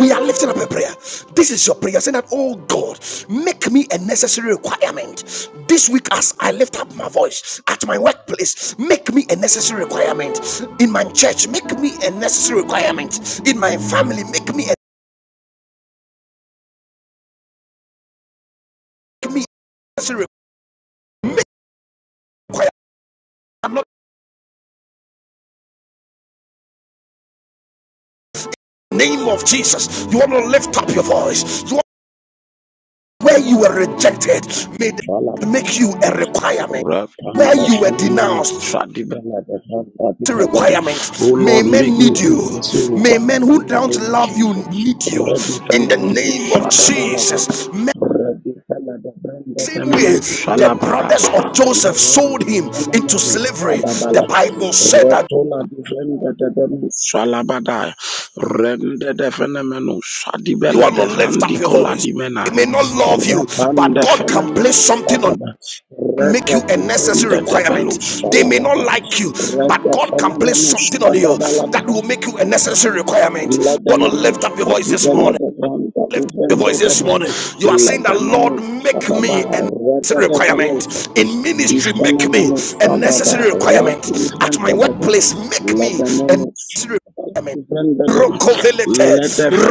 Speaker 1: We are lifting up a prayer. This is your prayer saying that, Oh God, make me a necessary requirement. This week, as I lift up my voice at my workplace, make me a necessary requirement. In my church, make me a necessary requirement. In my family, make me a, make me a necessary requirement. Make me a requirement. In the Name of Jesus, you want to lift up your voice. You Where you were rejected, may they make you a
Speaker 4: Oh
Speaker 1: requirement.
Speaker 4: Lord,
Speaker 1: Where you were denounced, a requirement. May
Speaker 4: make
Speaker 1: men
Speaker 4: me
Speaker 1: need
Speaker 4: a
Speaker 1: you.
Speaker 4: necessary
Speaker 1: May men
Speaker 4: requirement
Speaker 1: who
Speaker 4: in the
Speaker 1: don't
Speaker 4: name of
Speaker 1: love you
Speaker 4: Jesus.
Speaker 1: need you.
Speaker 4: Ready
Speaker 1: In the
Speaker 4: Fenomeno
Speaker 1: name of
Speaker 4: Shadabalada.
Speaker 1: Jesus. Men
Speaker 4: Ready
Speaker 1: same way
Speaker 4: Fenomeno
Speaker 1: the
Speaker 4: Shalabada.
Speaker 1: brothers of Joseph
Speaker 4: Ready
Speaker 1: sold him into
Speaker 4: Fenomeno
Speaker 1: slavery. The
Speaker 4: Shadabala.
Speaker 1: Bible said that
Speaker 4: Retola Defenda Devenu Shalabada. Rende Defenomeno
Speaker 1: you
Speaker 4: Shadibella
Speaker 1: want to lift up
Speaker 4: Devrandi
Speaker 1: your
Speaker 4: Cola
Speaker 1: voice. They
Speaker 4: Dimena.
Speaker 1: may not love you, but
Speaker 4: Rapanda
Speaker 1: God can place
Speaker 4: phenomenon
Speaker 1: something on
Speaker 4: Fadaba
Speaker 1: make
Speaker 4: Reda
Speaker 1: you a
Speaker 4: Benda
Speaker 1: necessary
Speaker 4: Develus
Speaker 1: requirement. They may not
Speaker 4: Falabada
Speaker 1: like you, but
Speaker 4: Reda
Speaker 1: God can place
Speaker 4: Phenomenus
Speaker 1: something on you
Speaker 4: Fadabalada
Speaker 1: that will make you a necessary requirement. I Want to
Speaker 4: Ledamanus
Speaker 1: lift up your voice this
Speaker 4: Fadibella
Speaker 1: morning?
Speaker 4: de Branda
Speaker 1: Lift up your
Speaker 4: Vivenda
Speaker 1: voice this
Speaker 4: Debe
Speaker 1: morning. You are saying that Lord,
Speaker 4: Ledamanus
Speaker 1: make
Speaker 4: Fadaba
Speaker 1: me a necessary
Speaker 4: Reda
Speaker 1: requirement in ministry. Make me
Speaker 4: Ifeanana
Speaker 1: a
Speaker 4: Falaba
Speaker 1: necessary
Speaker 4: Rapi
Speaker 1: requirement at my
Speaker 4: Ifendadebe
Speaker 1: workplace. Make me a
Speaker 4: Ledemeno
Speaker 1: necessary requirement
Speaker 4: Ifendadebe
Speaker 1: Rokovelete,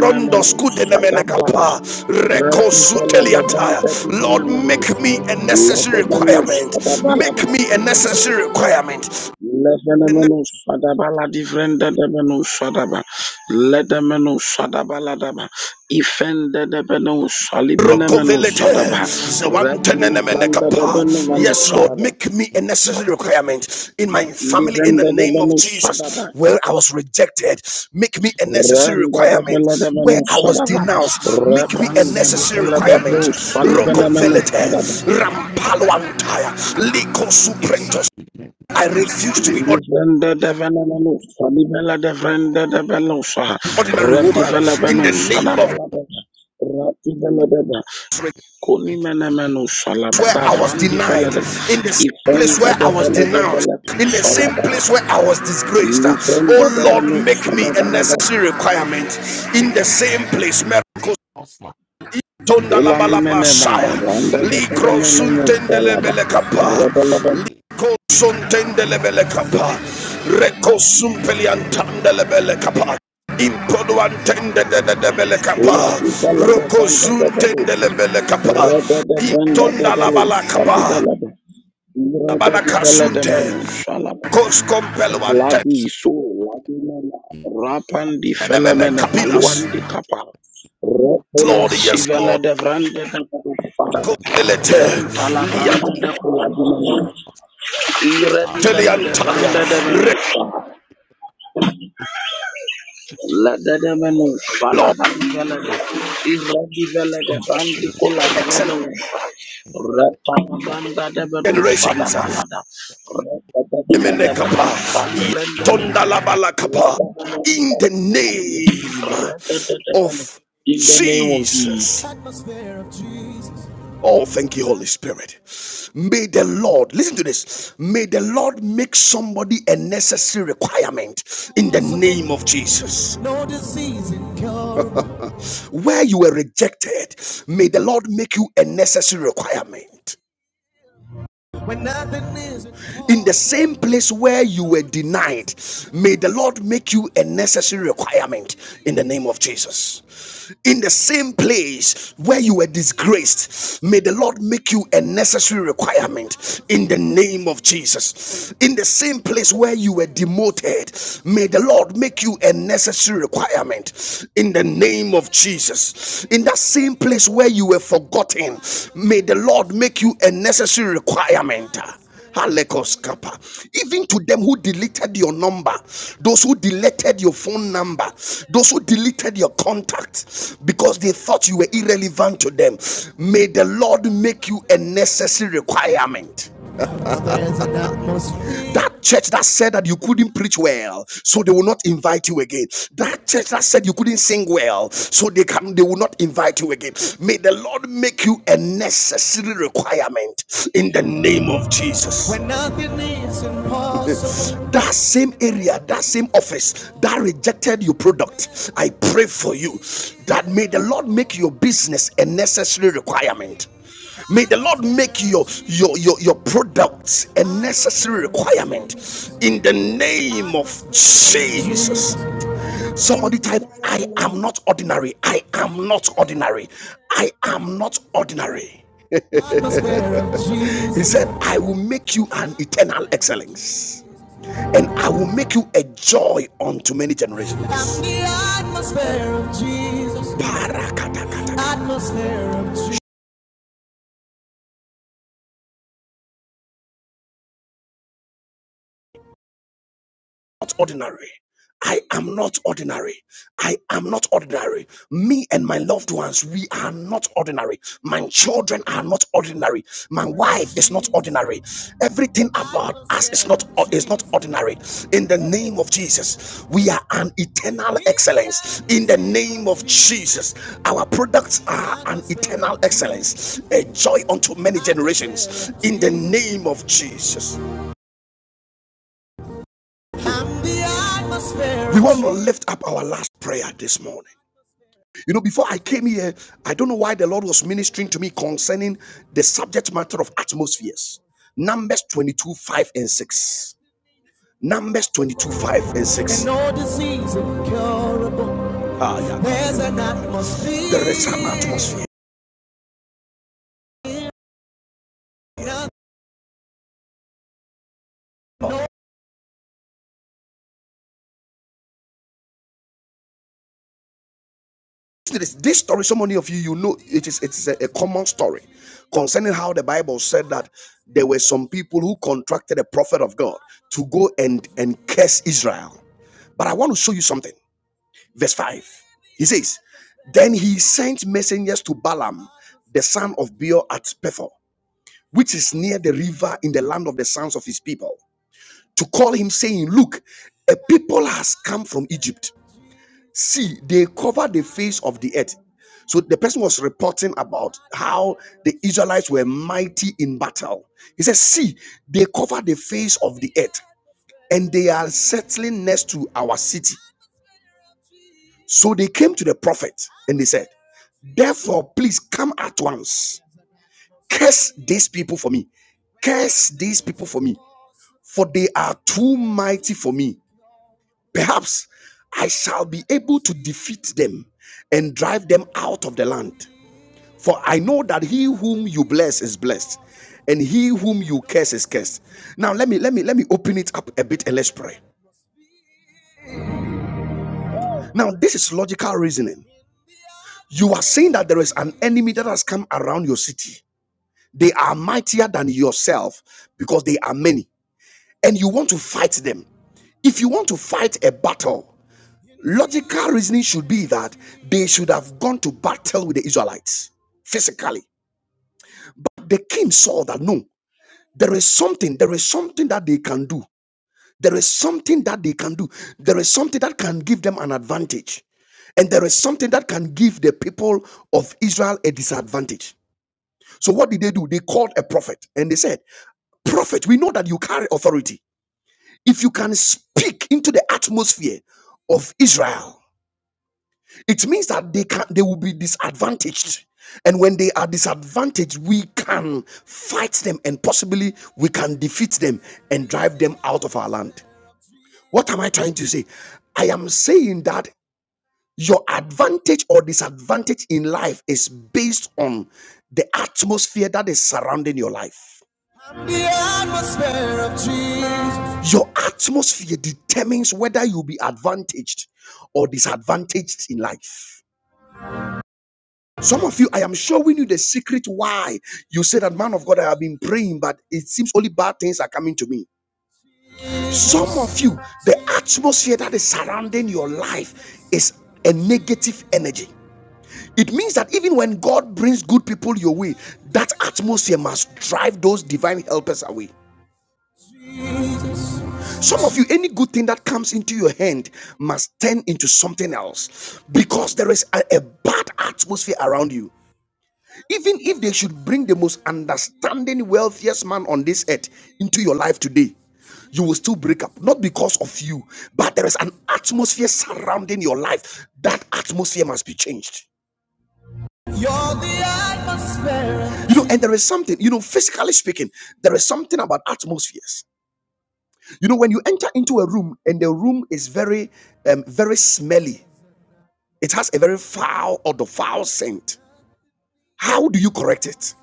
Speaker 1: Rondo
Speaker 4: Fadabalaba
Speaker 1: Skudenemenekapa, Reko
Speaker 4: Rapi
Speaker 1: Suteliataya.
Speaker 4: Faladebenta
Speaker 1: Lord,
Speaker 4: Divenemeno
Speaker 1: make me a necessary
Speaker 4: Ledemeno
Speaker 2: I
Speaker 1: requirement. Make
Speaker 4: Fadabalaba
Speaker 1: me a necessary requirement
Speaker 4: Lefenemeno Fadabala Divendadebeno Fadaba Ledemeno Fadabaladaba Ifendadebeno
Speaker 2: love you,
Speaker 4: Salibenemeno
Speaker 1: Rokovelete,
Speaker 4: Sadaba Rapi
Speaker 1: Zewantenenemenekapa.
Speaker 4: Ifendadebeno
Speaker 1: Yes, Lord,
Speaker 4: sadaba.
Speaker 1: make me a necessary
Speaker 2: thanks for spirit,
Speaker 1: requirement in
Speaker 2: and
Speaker 1: my
Speaker 2: the spirit
Speaker 1: family in the
Speaker 4: Livende de
Speaker 1: name of
Speaker 4: Venu
Speaker 1: Jesus.
Speaker 4: Sadaba,
Speaker 1: Where I was rejected, make me a
Speaker 2: in my
Speaker 1: necessary
Speaker 4: Rende de
Speaker 1: requirement.
Speaker 4: Vella de
Speaker 1: Where
Speaker 4: Venu
Speaker 1: I
Speaker 2: name,
Speaker 1: was
Speaker 4: Sadaba,
Speaker 1: denounced, make me a
Speaker 2: oh
Speaker 4: Repanda de
Speaker 2: Lord,
Speaker 1: necessary
Speaker 4: Vella de
Speaker 1: requirement.
Speaker 4: Bru Salivene
Speaker 2: just
Speaker 4: Menu
Speaker 1: Rokovelete,
Speaker 4: Sadaba.
Speaker 1: Rampaloantaya, Liko Suprentos.
Speaker 2: in the name of
Speaker 1: I refuse to be an
Speaker 4: Livende de Vene Menu Salivella de Vrende de Venusa,
Speaker 2: in
Speaker 1: ordinary woman
Speaker 4: Redivella
Speaker 1: in
Speaker 4: Venu
Speaker 1: the name
Speaker 4: Sadaba
Speaker 1: of
Speaker 4: la
Speaker 1: Jesus.
Speaker 4: de Rativella de Vella, Kunimene
Speaker 2: the
Speaker 4: Menu Salaba,
Speaker 1: where I was
Speaker 4: Davrandi Vella
Speaker 1: denied,
Speaker 4: de
Speaker 1: in the same place
Speaker 4: Ifende
Speaker 1: where
Speaker 4: de
Speaker 1: I was
Speaker 4: Vella de
Speaker 1: denounced,
Speaker 4: Vella to
Speaker 1: in the same
Speaker 4: Salaba,
Speaker 1: place where I was
Speaker 2: name
Speaker 1: disgraced.
Speaker 2: of
Speaker 4: Livende
Speaker 1: Oh
Speaker 4: de
Speaker 1: Lord,
Speaker 4: Venu
Speaker 1: make me a
Speaker 4: Sadaba
Speaker 1: necessary requirement in the same place. Miracles.
Speaker 2: of my God,
Speaker 1: Tonda la
Speaker 2: oh,
Speaker 4: Fulani
Speaker 1: balaba
Speaker 4: menema,
Speaker 1: shaya.
Speaker 4: randa de
Speaker 1: Likro
Speaker 4: fenomenemo
Speaker 1: suntende
Speaker 2: you
Speaker 4: falaba,
Speaker 1: lebele kapa.
Speaker 4: rebeleben,
Speaker 1: Likro suntende lebele kapa.
Speaker 2: things,
Speaker 1: Reko sumpeli antande lebele kapa. Impodo antende de
Speaker 4: fula
Speaker 1: kapa.
Speaker 4: di fala de
Speaker 1: Roko
Speaker 4: randa de
Speaker 1: zuntende
Speaker 4: belusa,
Speaker 1: lebele kapa.
Speaker 4: rebe de brenda de
Speaker 1: Intonda la bala
Speaker 4: belusa di belebe, rebe
Speaker 1: Abana
Speaker 4: di vele de
Speaker 1: Kasunte,
Speaker 4: menusa laba,
Speaker 2: oh,
Speaker 1: Koskompeluante,
Speaker 4: labi
Speaker 2: so
Speaker 4: su, labi
Speaker 2: happy,
Speaker 4: mena, rapan di
Speaker 2: happy,
Speaker 1: Enemene
Speaker 4: felemene paluan
Speaker 1: Kapilas.
Speaker 4: di kapa,
Speaker 1: Yes,
Speaker 4: repula
Speaker 1: Lord,
Speaker 4: si
Speaker 1: yes,
Speaker 4: vele
Speaker 1: Lord.
Speaker 4: de branda de belusa,
Speaker 2: necessary
Speaker 4: renta la
Speaker 1: Kotelete,
Speaker 4: randa
Speaker 2: requirement in
Speaker 4: de kula di mena,
Speaker 2: of God.
Speaker 4: ire di
Speaker 2: Father,
Speaker 4: vele
Speaker 2: open
Speaker 4: de
Speaker 1: Lianteliantalia,
Speaker 4: branda de
Speaker 1: Red
Speaker 4: menusa,
Speaker 2: the ages
Speaker 4: La dada menu,
Speaker 2: of Jesus
Speaker 1: Lord,
Speaker 4: Falaban Velade, Iradi Velade,
Speaker 2: in the
Speaker 4: Fandi
Speaker 2: name
Speaker 4: Kola
Speaker 1: excellent
Speaker 4: Menu,
Speaker 2: of your
Speaker 4: Ratabanda Debenu, Sada
Speaker 1: generations.
Speaker 2: in
Speaker 4: Balada,
Speaker 2: the
Speaker 4: Ratabanda Debenu, Sali Brenda, Lada Menu,
Speaker 1: In the
Speaker 4: Sada
Speaker 1: name
Speaker 4: Balada, Ratada Debenu,
Speaker 1: of
Speaker 4: in the
Speaker 2: in the
Speaker 4: name of Jesus.
Speaker 1: Jesus. of Jesus. Oh, thank you, Holy Spirit. May the Lord, listen to this. May the Lord make somebody a necessary requirement in the name of Jesus. No disease incurable. [laughs] Where you were rejected, may the Lord make you a necessary requirement. When nothing is in the same place where you were denied may the lord make you a necessary requirement in the name of jesus in the same place where you were disgraced may the lord make you a necessary requirement in the name of jesus in the same place where you were demoted may the lord make you a necessary requirement in the name of Jesus. In that same place where you were forgotten, may the Lord make you a necessary requirement. Halekos kappa. Even to them who deleted your number, those who deleted your phone number, those who deleted your contact because they thought you were irrelevant to them, may the Lord make you a necessary requirement. That church that said that you couldn't preach well, so they will not invite you again. That church that said you couldn't sing well, so they can they will not invite you again. May the Lord make you a necessary requirement in the name of Jesus. When nothing is impossible. [laughs] That same area, that same office that rejected your product, I pray for you that may the Lord make your business a necessary requirement. May the Lord make your your your, your products a necessary requirement in the name of Jesus. Somebody type, I
Speaker 6: Amen.
Speaker 1: am not ordinary. I am not ordinary. I am not ordinary. [laughs] He said, I will make you an eternal excellence, and I will make you a joy unto many generations. Parakatakatakata. not ordinary. I am not ordinary. I am not ordinary. Me and my loved ones, we are not ordinary. My children are not ordinary. My wife is not ordinary. Everything about us is not is not ordinary. In the name of Jesus, we are an eternal excellence. In the name of Jesus, our products are an eternal excellence, a joy unto many generations. In the name of Jesus. We want to lift up our last prayer this morning. You know, before I came here, I don't know why the Lord was ministering to me concerning the subject matter of atmospheres. Numbers 22, 5 and 6. Numbers 22, 5 and 6. No disease incurable. Ah, yeah. There's an atmosphere. There is an atmosphere. this this story so many of you you know it is it's a, a common story concerning how the bible said that there were some people who contracted a prophet of god to go and and curse israel but i want to show you something verse 5 he says then he sent messengers to balaam the son of beor at pethor which is near the river in the land of the sons of his people to call him saying look a people has come from egypt See, they cover the face of the earth. So the person was reporting about how the Israelites were mighty in battle. He says, See, they cover the face of the earth and they are settling next to our city. So they came to the prophet and they said, Therefore, please come at once. Curse these people for me. Curse these people for me. For they are too mighty for me. Perhaps I shall be able to defeat them and drive them out of the land. For I know that he whom you bless is blessed, and he whom you curse is cursed. Now let me let me let me open it up a bit and let's pray. Now this is logical reasoning. You are saying that there is an enemy that has come around your city. They are mightier than yourself because they are many, and you want to fight them. If you want to fight a battle, Logical reasoning should be that they should have gone to battle with the Israelites physically. The king saw that no, there is something, there is something that they can do. There is something that they can do. There is something that can give them an advantage. And there is something that can give the people of Israel a disadvantage. So what did they do? They called a prophet and they said, prophet, we know that you carry authority. If you can speak into the atmosphere of Israel, it means that they can they will be disadvantaged and when they are disadvantaged we can fight them and possibly we can defeat them and drive them out of our land what am i trying to say i am saying that your advantage or disadvantage in life is based on the atmosphere that is surrounding your life The atmosphere of Jesus. your atmosphere determines whether you'll be advantaged or disadvantaged in life Some of you, I am showing you the secret why you say that, man of God, I have been praying, but it seems only bad things are coming to me. Some of you, the atmosphere that is surrounding your life is a negative energy. It means that even when God brings good people your way, that atmosphere must drive those divine helpers away. Some of you, any good thing that comes into your hand must turn into something else because there is a, a bad atmosphere around you. Even if they should bring the most understanding, wealthiest man on this earth into your life today, you will still break up. Not because of you, but there is an atmosphere surrounding your life. That atmosphere must be changed. You're the atmosphere. You know, and there is something, you know, physically speaking, there is something about atmospheres. You know, when you enter into a room and the room is very, um, very smelly, it has a very foul or the foul scent. How do you correct it?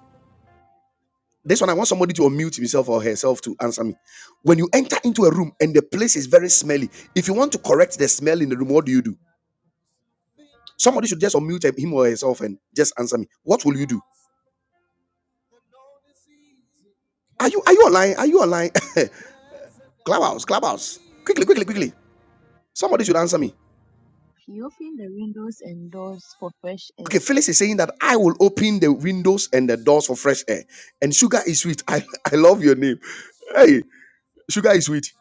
Speaker 1: This one, I want somebody to unmute himself or herself to answer me. When you enter into a room and the place is very smelly, if you want to correct the smell in the room, what do you do? Somebody should just unmute him or herself and just answer me. What will you do? Are you are you online? Are you online? [laughs] clubhouse, clubhouse. Quickly, quickly, quickly. Somebody should answer me.
Speaker 5: opened the windows and doors for fresh air.
Speaker 1: Okay, Phyllis is saying that I will open the windows and the doors for fresh air. And sugar is sweet. [laughs] I, I love your name. Hey, sugar is sweet.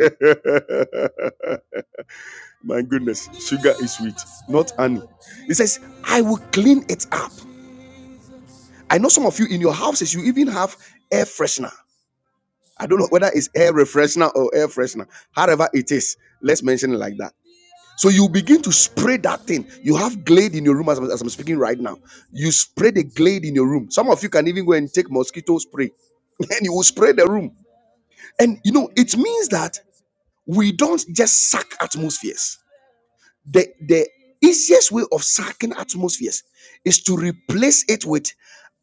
Speaker 1: [laughs] My goodness, sugar is sweet, not honey. He says, I will clean it up. I know some of you in your houses, you even have air freshener. I don't know whether it's air refreshener or air freshener. However it is, let's mention it like that. So you begin to spray that thing. You have glade in your room as, I'm- as I'm speaking right now. You spray the glade in your room. Some of you can even go and take mosquito spray [laughs] and you will spray the room. And you know, it means that we don't just suck atmospheres. The, the easiest way of sucking atmospheres is to replace it with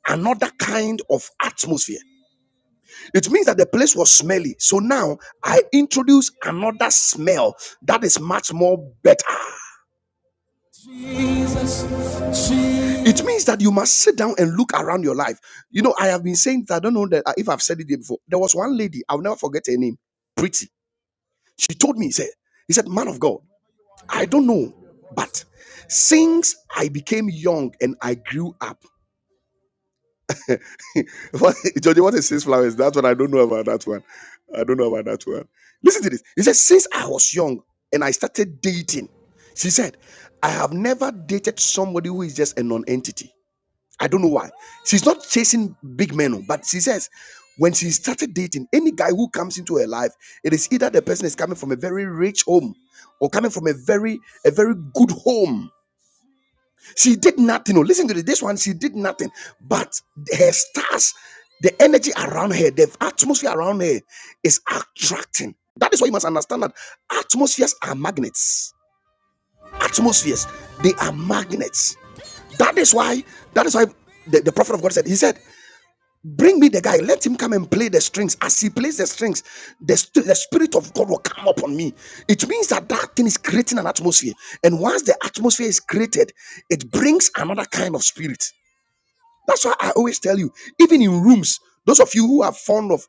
Speaker 1: another kind of atmosphere. It means that the place was smelly. So now I introduce another smell that is much more better. Jesus, Jesus. It means that you must sit down and look around your life. You know, I have been saying that I don't know that uh, if I've said it before. There was one lady, I'll never forget her name, pretty. She told me, "He said, he said, man of God. I don't know. But since I became young and I grew up, [laughs] what, Georgie, what is six flowers? That's what I don't know about that one. I don't know about that one. Listen to this. He said, since I was young and I started dating, she said, I have never dated somebody who is just a non-entity. I don't know why. She's not chasing big men, oh, but she says, when she started dating, any guy who comes into her life, it is either the person is coming from a very rich home or coming from a very a very good home She did nothing. Oh, Listen to this. This one, she did nothing. But her stars, the energy around her, the atmosphere around her is attracting. That is why you must understand that atmospheres are magnets. Atmospheres, they are magnets. That is why, that is why the, the prophet of God said, he said, Bring me the guy. Let him come and play the strings. As he plays the strings, the, st- the spirit of God will come upon me. It means that that thing is creating an atmosphere. And once the atmosphere is created, it brings another kind of spirit. That's why I always tell you, even in rooms, those of you who are fond of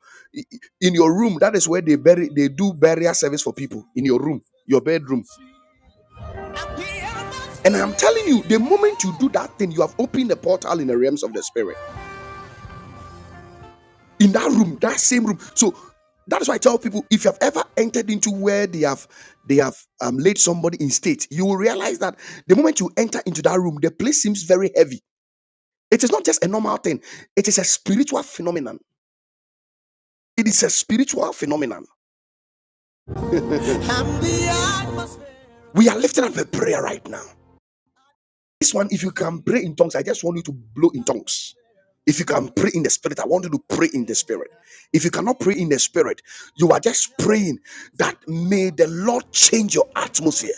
Speaker 1: in your room, that is where they bury they do burial service for people in your room, your bedroom. And I'm telling you, the moment you do that thing, you have opened the portal in the realms of the spirit. in that room that same room so that is why i tell people if you have ever entered into where they have they have um, laid somebody in state you will realize that the moment you enter into that room the place seems very heavy it is not just a normal thing it is a spiritual phenomenon it is a spiritual phenomenon we are lifting up a prayer right now This one, if you can pray in tongues, I just want you to blow in tongues. If you can pray in the spirit, I want you to pray in the spirit. If you cannot pray in the spirit, you are just praying that may the Lord change your atmosphere.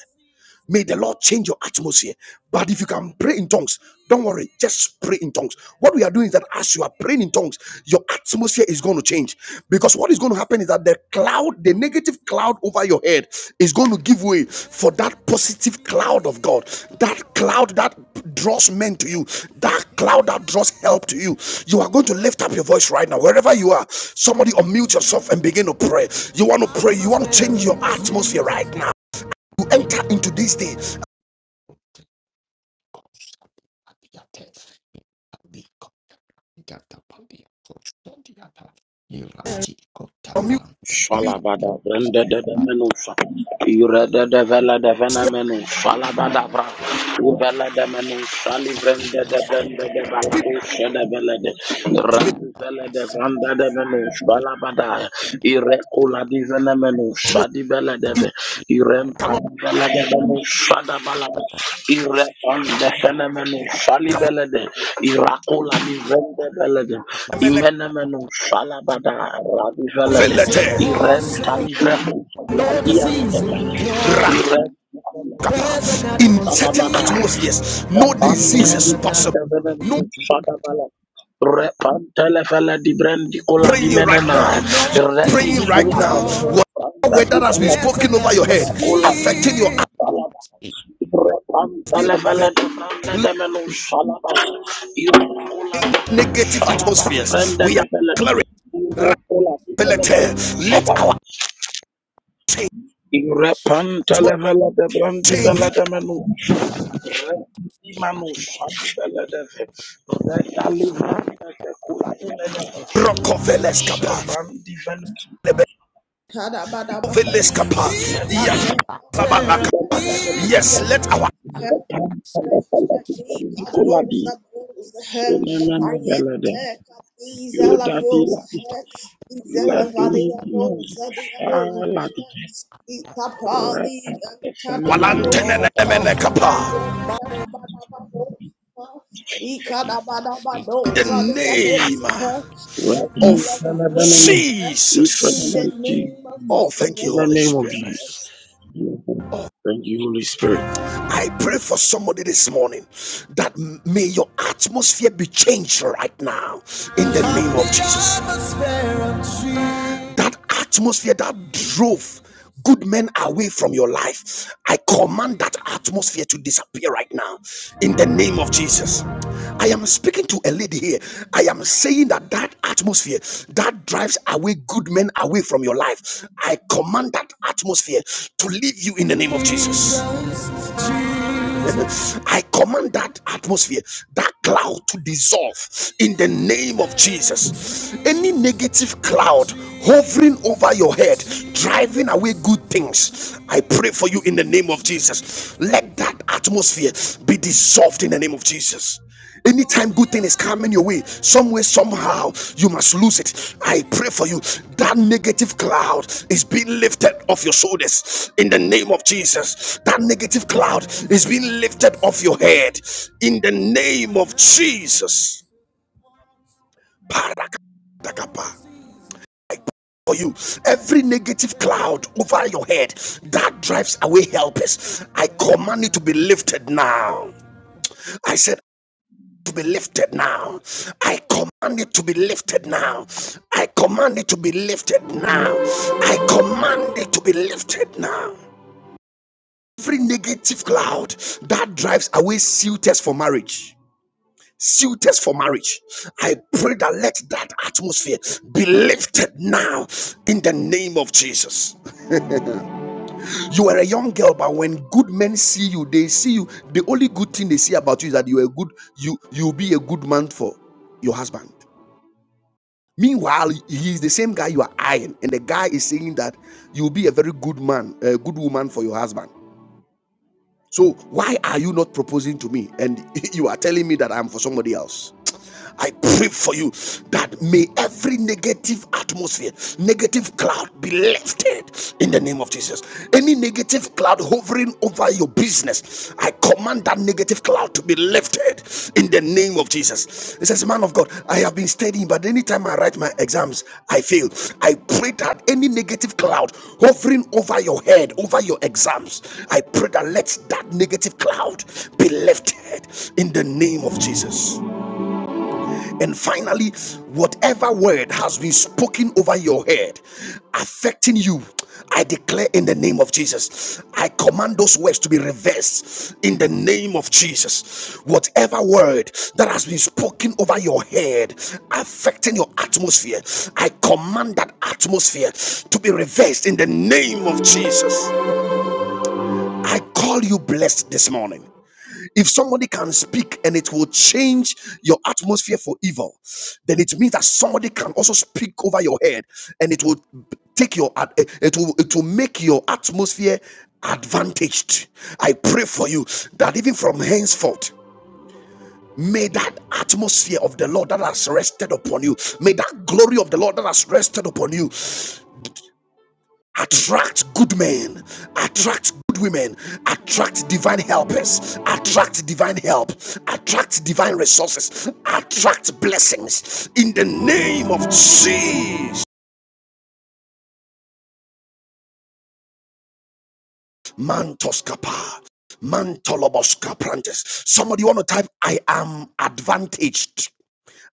Speaker 1: May the Lord change your atmosphere. But if you can pray in tongues, don't worry, just pray in tongues. What we are doing is that as you are praying in tongues, your atmosphere is going to change. Because what is going to happen is that the cloud, the negative cloud over your head, is going to give way for that positive cloud of God. That cloud that draws men to you, that cloud that draws help to you. You are going to lift up your voice right now, wherever you are. Somebody unmute yourself and begin to pray. You want to pray, you want to change your atmosphere right now you enter into this
Speaker 2: name
Speaker 1: day
Speaker 2: of Jesus.
Speaker 4: Falabada brenda de de menusa. Ira de de vela de vena menu. Falabada bra. Uvela de menu. Sali brenda de brenda de balabu de vela de.
Speaker 1: you.
Speaker 4: Radu vela de vanda de menu. Falabada. Ire kula di vena menu. Shadi vela de ve.
Speaker 1: cannot
Speaker 4: Irempandelebele Shadabalada, Irepandesenemene Shalibelede, Irakula Livendebelede, Imenemeno Shalabada Rabivelede, Irentalivreko
Speaker 1: No disease in
Speaker 4: Radiandebelede, Irentalivreko
Speaker 1: certain
Speaker 4: Shalabada
Speaker 1: atmospheres, no disease is possible. No
Speaker 4: Shadabala. Repantele fele di brendi cola di
Speaker 1: praying right now.
Speaker 4: menena.
Speaker 1: You're
Speaker 4: Redi
Speaker 1: praying right
Speaker 4: sulla di
Speaker 1: now.
Speaker 4: menena.
Speaker 1: Whatever
Speaker 4: Branda
Speaker 1: word
Speaker 4: di
Speaker 1: that has been
Speaker 4: fele
Speaker 2: Jesus.
Speaker 4: di
Speaker 1: spoken over your head,
Speaker 4: cola di
Speaker 1: affecting your eyes,
Speaker 4: menena.
Speaker 1: being
Speaker 4: Repantele
Speaker 1: there,
Speaker 4: fele di branda di menena. Shalaba. Ira cola di menena.
Speaker 1: negative
Speaker 4: Shalaba di
Speaker 1: atmospheres.
Speaker 4: branda
Speaker 1: We
Speaker 4: di
Speaker 1: are
Speaker 4: fele.
Speaker 1: declaring.
Speaker 4: Ira cola di menena.
Speaker 1: Let
Speaker 4: Shalaba.
Speaker 1: our change atmosphere
Speaker 4: Repantele fele di brandi fele
Speaker 1: change.
Speaker 4: di menena. Thank you.
Speaker 6: Kadabadaba.
Speaker 1: Veleskapa. Yes,
Speaker 6: Ikate.
Speaker 1: Sabalaka. Yes, let our
Speaker 6: Help. Let the God knows the truth. I enter the Isabella's house. Isabella, the God, the God. I pray and turn the God. I turn the God, the God.
Speaker 1: Walantenenemenekapa.
Speaker 6: I turn the God, the God.
Speaker 1: in the
Speaker 6: Isabella, the
Speaker 1: name
Speaker 4: Rapan
Speaker 1: of
Speaker 6: God.
Speaker 4: Salabalama,
Speaker 6: In
Speaker 1: Jesus.
Speaker 6: the
Speaker 4: Ifanaman Jesus,
Speaker 6: name of
Speaker 1: Oh, thank
Speaker 4: in
Speaker 1: you,
Speaker 4: the
Speaker 6: Jesus.
Speaker 1: Holy
Speaker 4: name of
Speaker 1: Spirit.
Speaker 4: Jesus.
Speaker 1: Oh.
Speaker 4: Thank you, Holy Spirit.
Speaker 1: I pray for somebody this morning that may your atmosphere be changed right now in the name of Jesus. That atmosphere that drove good men away from your life, I command that atmosphere to disappear right now in the name of Jesus. I am speaking to a lady here. I am saying that that atmosphere that drives away good men away from your life. I command that atmosphere to leave you in the name of Jesus. [laughs] I command that atmosphere, that cloud to dissolve in the name of Jesus. Any negative cloud hovering over your head, driving away good things. I pray for you in the name of Jesus. Let that atmosphere be dissolved in the name of Jesus. Anytime good thing is coming your way, some way, somehow, you must lose it. I pray for you. That negative cloud is being lifted off your shoulders in the name of Jesus. That negative cloud is being lifted off your head in the name of Jesus for you. Every negative cloud over your head that drives away helpers, I command it to be lifted now. I said, to be lifted now. I command it to be lifted now. I command it to be lifted now. I command it to be lifted now. Every negative cloud that drives away suitors for marriage. Suitors for marriage. I pray that let that atmosphere be lifted now in the name of Jesus. You were a young girl, but when good men see you, they see you. The only good thing they see about you is that you are a good. You you'll be a good man for your husband. Meanwhile, he is the same guy you are eyeing, and the guy is saying that you'll be a very good man, a good woman for your husband. So why are you not proposing to me and [laughs] you are telling me that I'm for somebody else? I pray for you that may every negative atmosphere, negative cloud be lifted in the name of Jesus. Any negative cloud hovering over your business, I command that negative cloud about to be lifted in the name of Jesus. He says, Man of God, I have been studying, but anytime I write my exams, I fail. I pray that any negative cloud hovering over your head, over your exams, I pray that let that negative cloud be lifted in the name of Jesus. And finally, whatever word has been spoken over your head affecting you, I declare in the name of Jesus, I command those words to be reversed in the name of Jesus. Whatever word that has been spoken over your head affecting your atmosphere, I command that atmosphere to be reversed in the name of Jesus. I call you blessed this morning. If somebody can speak and it will change your atmosphere for evil, then it means that somebody can also speak over your head and it will take your it will it will make your atmosphere advantaged. I pray for you that even from henceforth May that atmosphere of the Lord that has rested upon you, may that glory of the Lord that has rested upon you, attract good men attract good women attract divine helpers attract divine help attract divine resources attract blessings in the name of jesus Mantoskapa. kappa mantolobos somebody want to type i am advantaged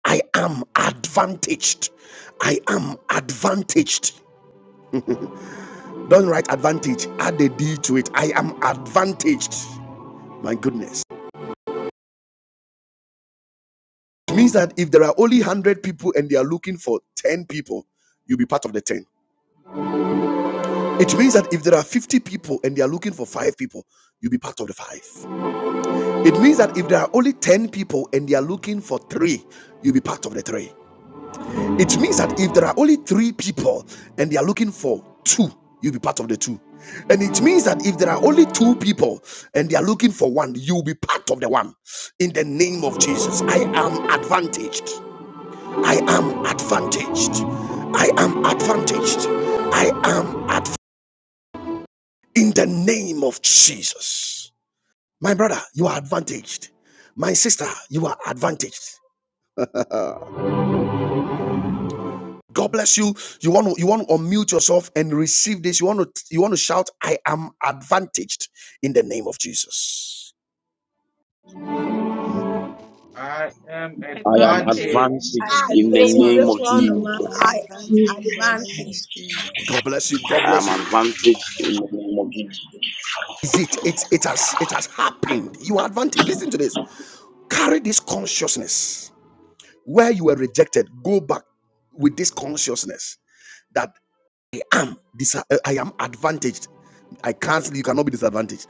Speaker 1: i am advantaged i am advantaged don't write advantage add a d to it i am advantaged my goodness It means that if there are only 100 people and they are looking for 10 people, you'll be part of the 10. It means that if there are 50 people and they are looking for 5 people, you'll be part of the 5. It means that if there are only 10 people and they are looking for 3, you'll be part of the 3. It means that if there are only 3 people and they are looking for 2, you'll be part of the 2. And it means that if there are only 2 people and they are looking for 1, you'll be part of the 1. In the name of Jesus, I am advantaged. I am advantaged. I am advantaged. I am advantaged in the name of Jesus. My brother, you are advantaged. My sister, you are advantaged. God bless you. You want to you want to unmute yourself and receive this. You want to you want to shout, I am advantaged in the name of Jesus.
Speaker 7: I am I am advantaged
Speaker 4: I am
Speaker 7: advantaged
Speaker 8: I
Speaker 6: I,
Speaker 4: advantaged
Speaker 7: in the
Speaker 4: in the
Speaker 6: please,
Speaker 7: name
Speaker 8: love
Speaker 7: of
Speaker 6: the
Speaker 4: name of
Speaker 6: phone
Speaker 5: I
Speaker 4: Jesus.
Speaker 6: man. I
Speaker 5: am
Speaker 7: Jesus.
Speaker 6: am
Speaker 9: people
Speaker 5: advanced in the name
Speaker 8: Jesus.
Speaker 6: advanced.
Speaker 5: of Jesus.
Speaker 1: God bless you. God
Speaker 4: I am
Speaker 1: bless you.
Speaker 5: Amen.
Speaker 4: advantaged in the name of Jesus.
Speaker 1: Is it? It it has it has happened. You are advantaged. Listen to this. Carry this consciousness Where you were rejected, go back with this consciousness that Dis- uh, I am advantaged. I cancel. You cannot be disadvantaged.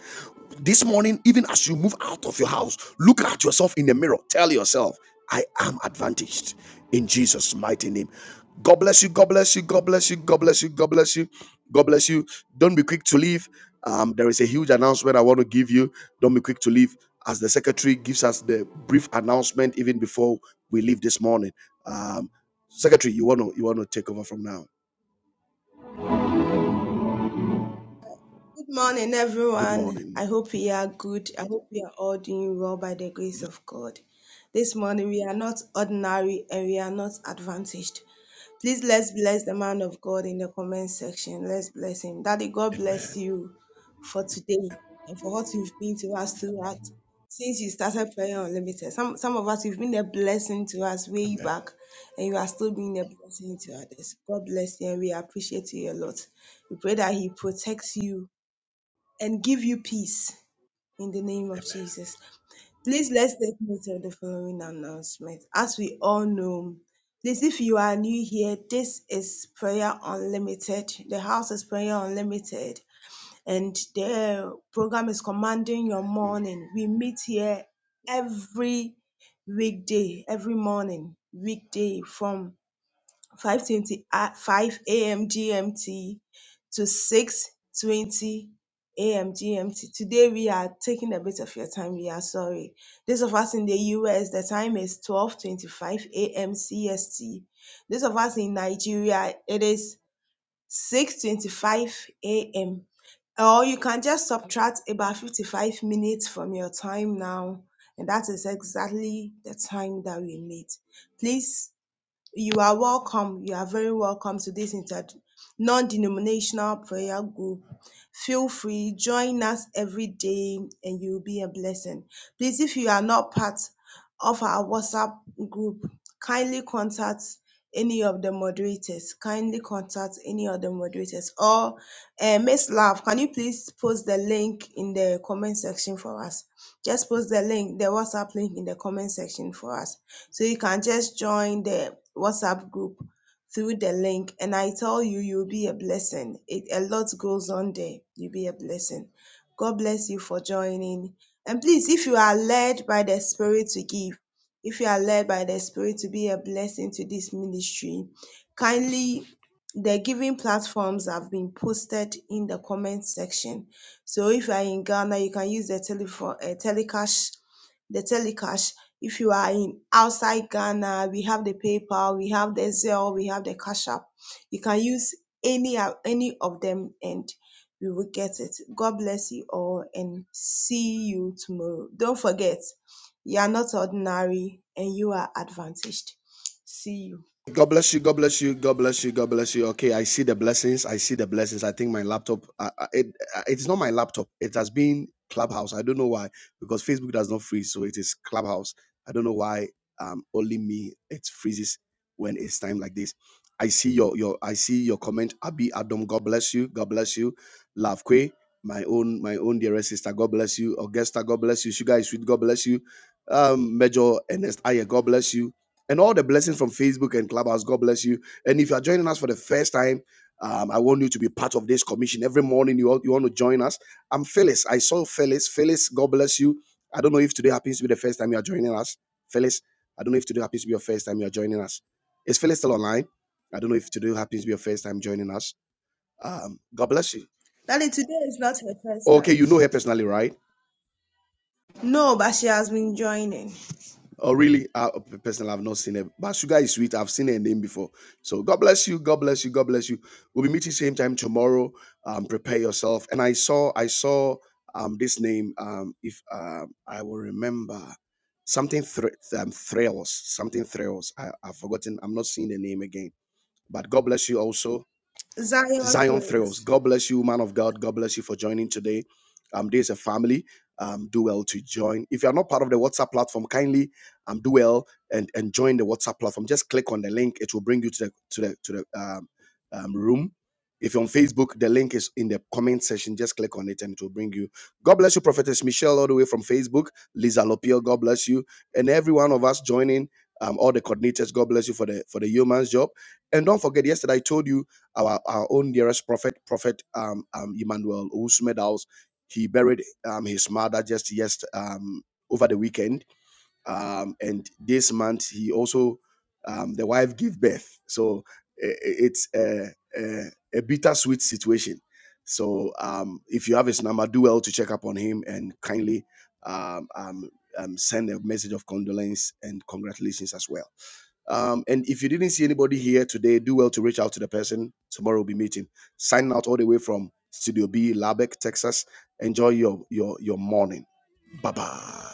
Speaker 1: This morning, even as you move out of your house, look at yourself in the mirror. Tell yourself, I am advantaged in Jesus' mighty name. God bless you. God bless you. God bless you. God bless you. God bless you. God bless you. Don't be quick to leave. Um, there is a huge announcement I want to give you. Don't be quick to leave. As the secretary gives us the brief announcement, even before we leave this morning. Um, secretary, you want to you want to take over from now.
Speaker 6: Good morning,
Speaker 1: Good
Speaker 6: everyone.
Speaker 1: morning.
Speaker 6: I hope we are good. I hope we are all doing well by the grace of God. This morning, we are not ordinary and we are not advantaged. Please let's bless the man of God in the comment section. Let's bless him. Daddy, God bless
Speaker 1: Amen.
Speaker 6: you for today and for what you've been to us throughout since you started Prayer Unlimited. Some, some of us, you've been a blessing to us way
Speaker 1: Amen.
Speaker 6: back and you are still being a blessing to others. God bless you and we appreciate you a lot. We pray that He protects you and give you peace in the name of Jesus. Please let's take note of the following announcement. As we all know, please, if you are new here, this is Prayer Unlimited. The house is Prayer Unlimited, and the program is Commanding Your
Speaker 1: Hmm.
Speaker 6: Morning. We meet here every weekday, every morning, weekday from 5:20 a- 5 a.m. GMT to 6:20 a.m. GMT. Today we are taking a bit of your time. We are sorry. Those of us in the US, the time is 12:25 a.m. CST. Those of us in Nigeria, it is 6:25 a.m. Or you can just subtract about 55 minutes from your time now, and that is exactly the time that we need. Please you are welcome. You are very welcome to this inter non-denominational prayer group. Feel free, join us every day, and you'll be a blessing. Please, if you are not part of our WhatsApp group. Kindly contact any of the moderators. Kindly contact any of the moderators. Or uh, Miss Love, can you please post the link in the comment section for us? Just post the link, the WhatsApp link in the comment section for us. So you can just join the WhatsApp group through the link and i tell you you'll be a blessing it, a lot goes on there you'll be a blessing god bless you for joining and please, if you are led by the Spirit to give, if you are led by the Spirit to be a blessing to this ministry, kindly the giving platforms have been posted in the comment section. So if you are in Ghana, you can use the telephone, uh, telecash, the telecash. If you are in outside Ghana, we have the PayPal, we have the Zelle, we have the Cash App. You can use any uh, any of them, and we will get it. God bless you all and see you tomorrow. Don't forget, you are not ordinary and you are advantaged. See you.
Speaker 1: God bless you. God bless you. God bless you. God bless you. Okay, I see the blessings. I see the blessings. I think my laptop. Uh, uh, it, uh, it's not my laptop. It has been Clubhouse. I don't know why because Facebook does not freeze, so it is Clubhouse. I don't know why. Um, only me. It freezes when it's time like this. I see your your. I see your comment. Abi Adam. God bless you. God bless you. Love Kwe, my own my own dearest sister. God bless you. Augusta. God bless you. Sugar is sweet. God bless you. Um, Major Ernest Aye. God bless you. and all the blessings from Facebook and Clubhouse. God bless you. And if you are joining us for the first time, um, I want you to be part of this commission. Every morning you, you want to join us. I'm Phyllis. I saw Phyllis. Phyllis, God bless you. I don't know if today happens to be the first time you are joining us. Phyllis, I don't know if today happens to be your first time you are joining us. Is Phyllis still online? I don't know if today happens to be your first time joining us. Um, God bless you.
Speaker 6: Daddy, today is not her first
Speaker 1: Okay,
Speaker 6: time.
Speaker 1: you know her personally, right?
Speaker 6: No, but she has been joining.
Speaker 1: Oh, really? Uh, personally, I've not seen it. But Sugar is sweet. I've seen her name before. So God bless you. God bless you. God bless you. We'll be meeting same time tomorrow. Um, prepare yourself. And I saw, I saw um this name. Um, if um I will remember something thr- um, thrills, something thrills. I, I've forgotten. I'm not seeing the name again. But God bless you also.
Speaker 6: Zion
Speaker 1: Zion Thrills.
Speaker 6: Praise.
Speaker 1: God bless you, man of God. God bless you for joining today. Um, there's a family. Um, do well to join. If you are not part of the WhatsApp platform, kindly um do well and, and join the WhatsApp platform. Just click on the link, it will bring you to the to the to the um, um room. If you're on Facebook, the link is in the comment section. Just click on it and it will bring you. God bless you, Prophetess Michelle, all the way from Facebook. Lisa Lopio, God bless you. And every one of us joining, um, all the coordinators, God bless you for the for the yeoman's job. And don't forget, yesterday I told you our, our own dearest prophet, Prophet um, um, Emmanuel Usmedaus, he buried um, his mother just yes um, over the weekend um, and this month he also um, the wife gave birth so i- i- it's a, a, a bittersweet situation so um, if you have his number do well to check up on him and kindly um, um, um, send a message of condolence and congratulations as well um, and if you didn't see anybody here today do well to reach out to the person tomorrow we'll be meeting signing out all the way from studio b lubbock texas enjoy your your your morning bye bye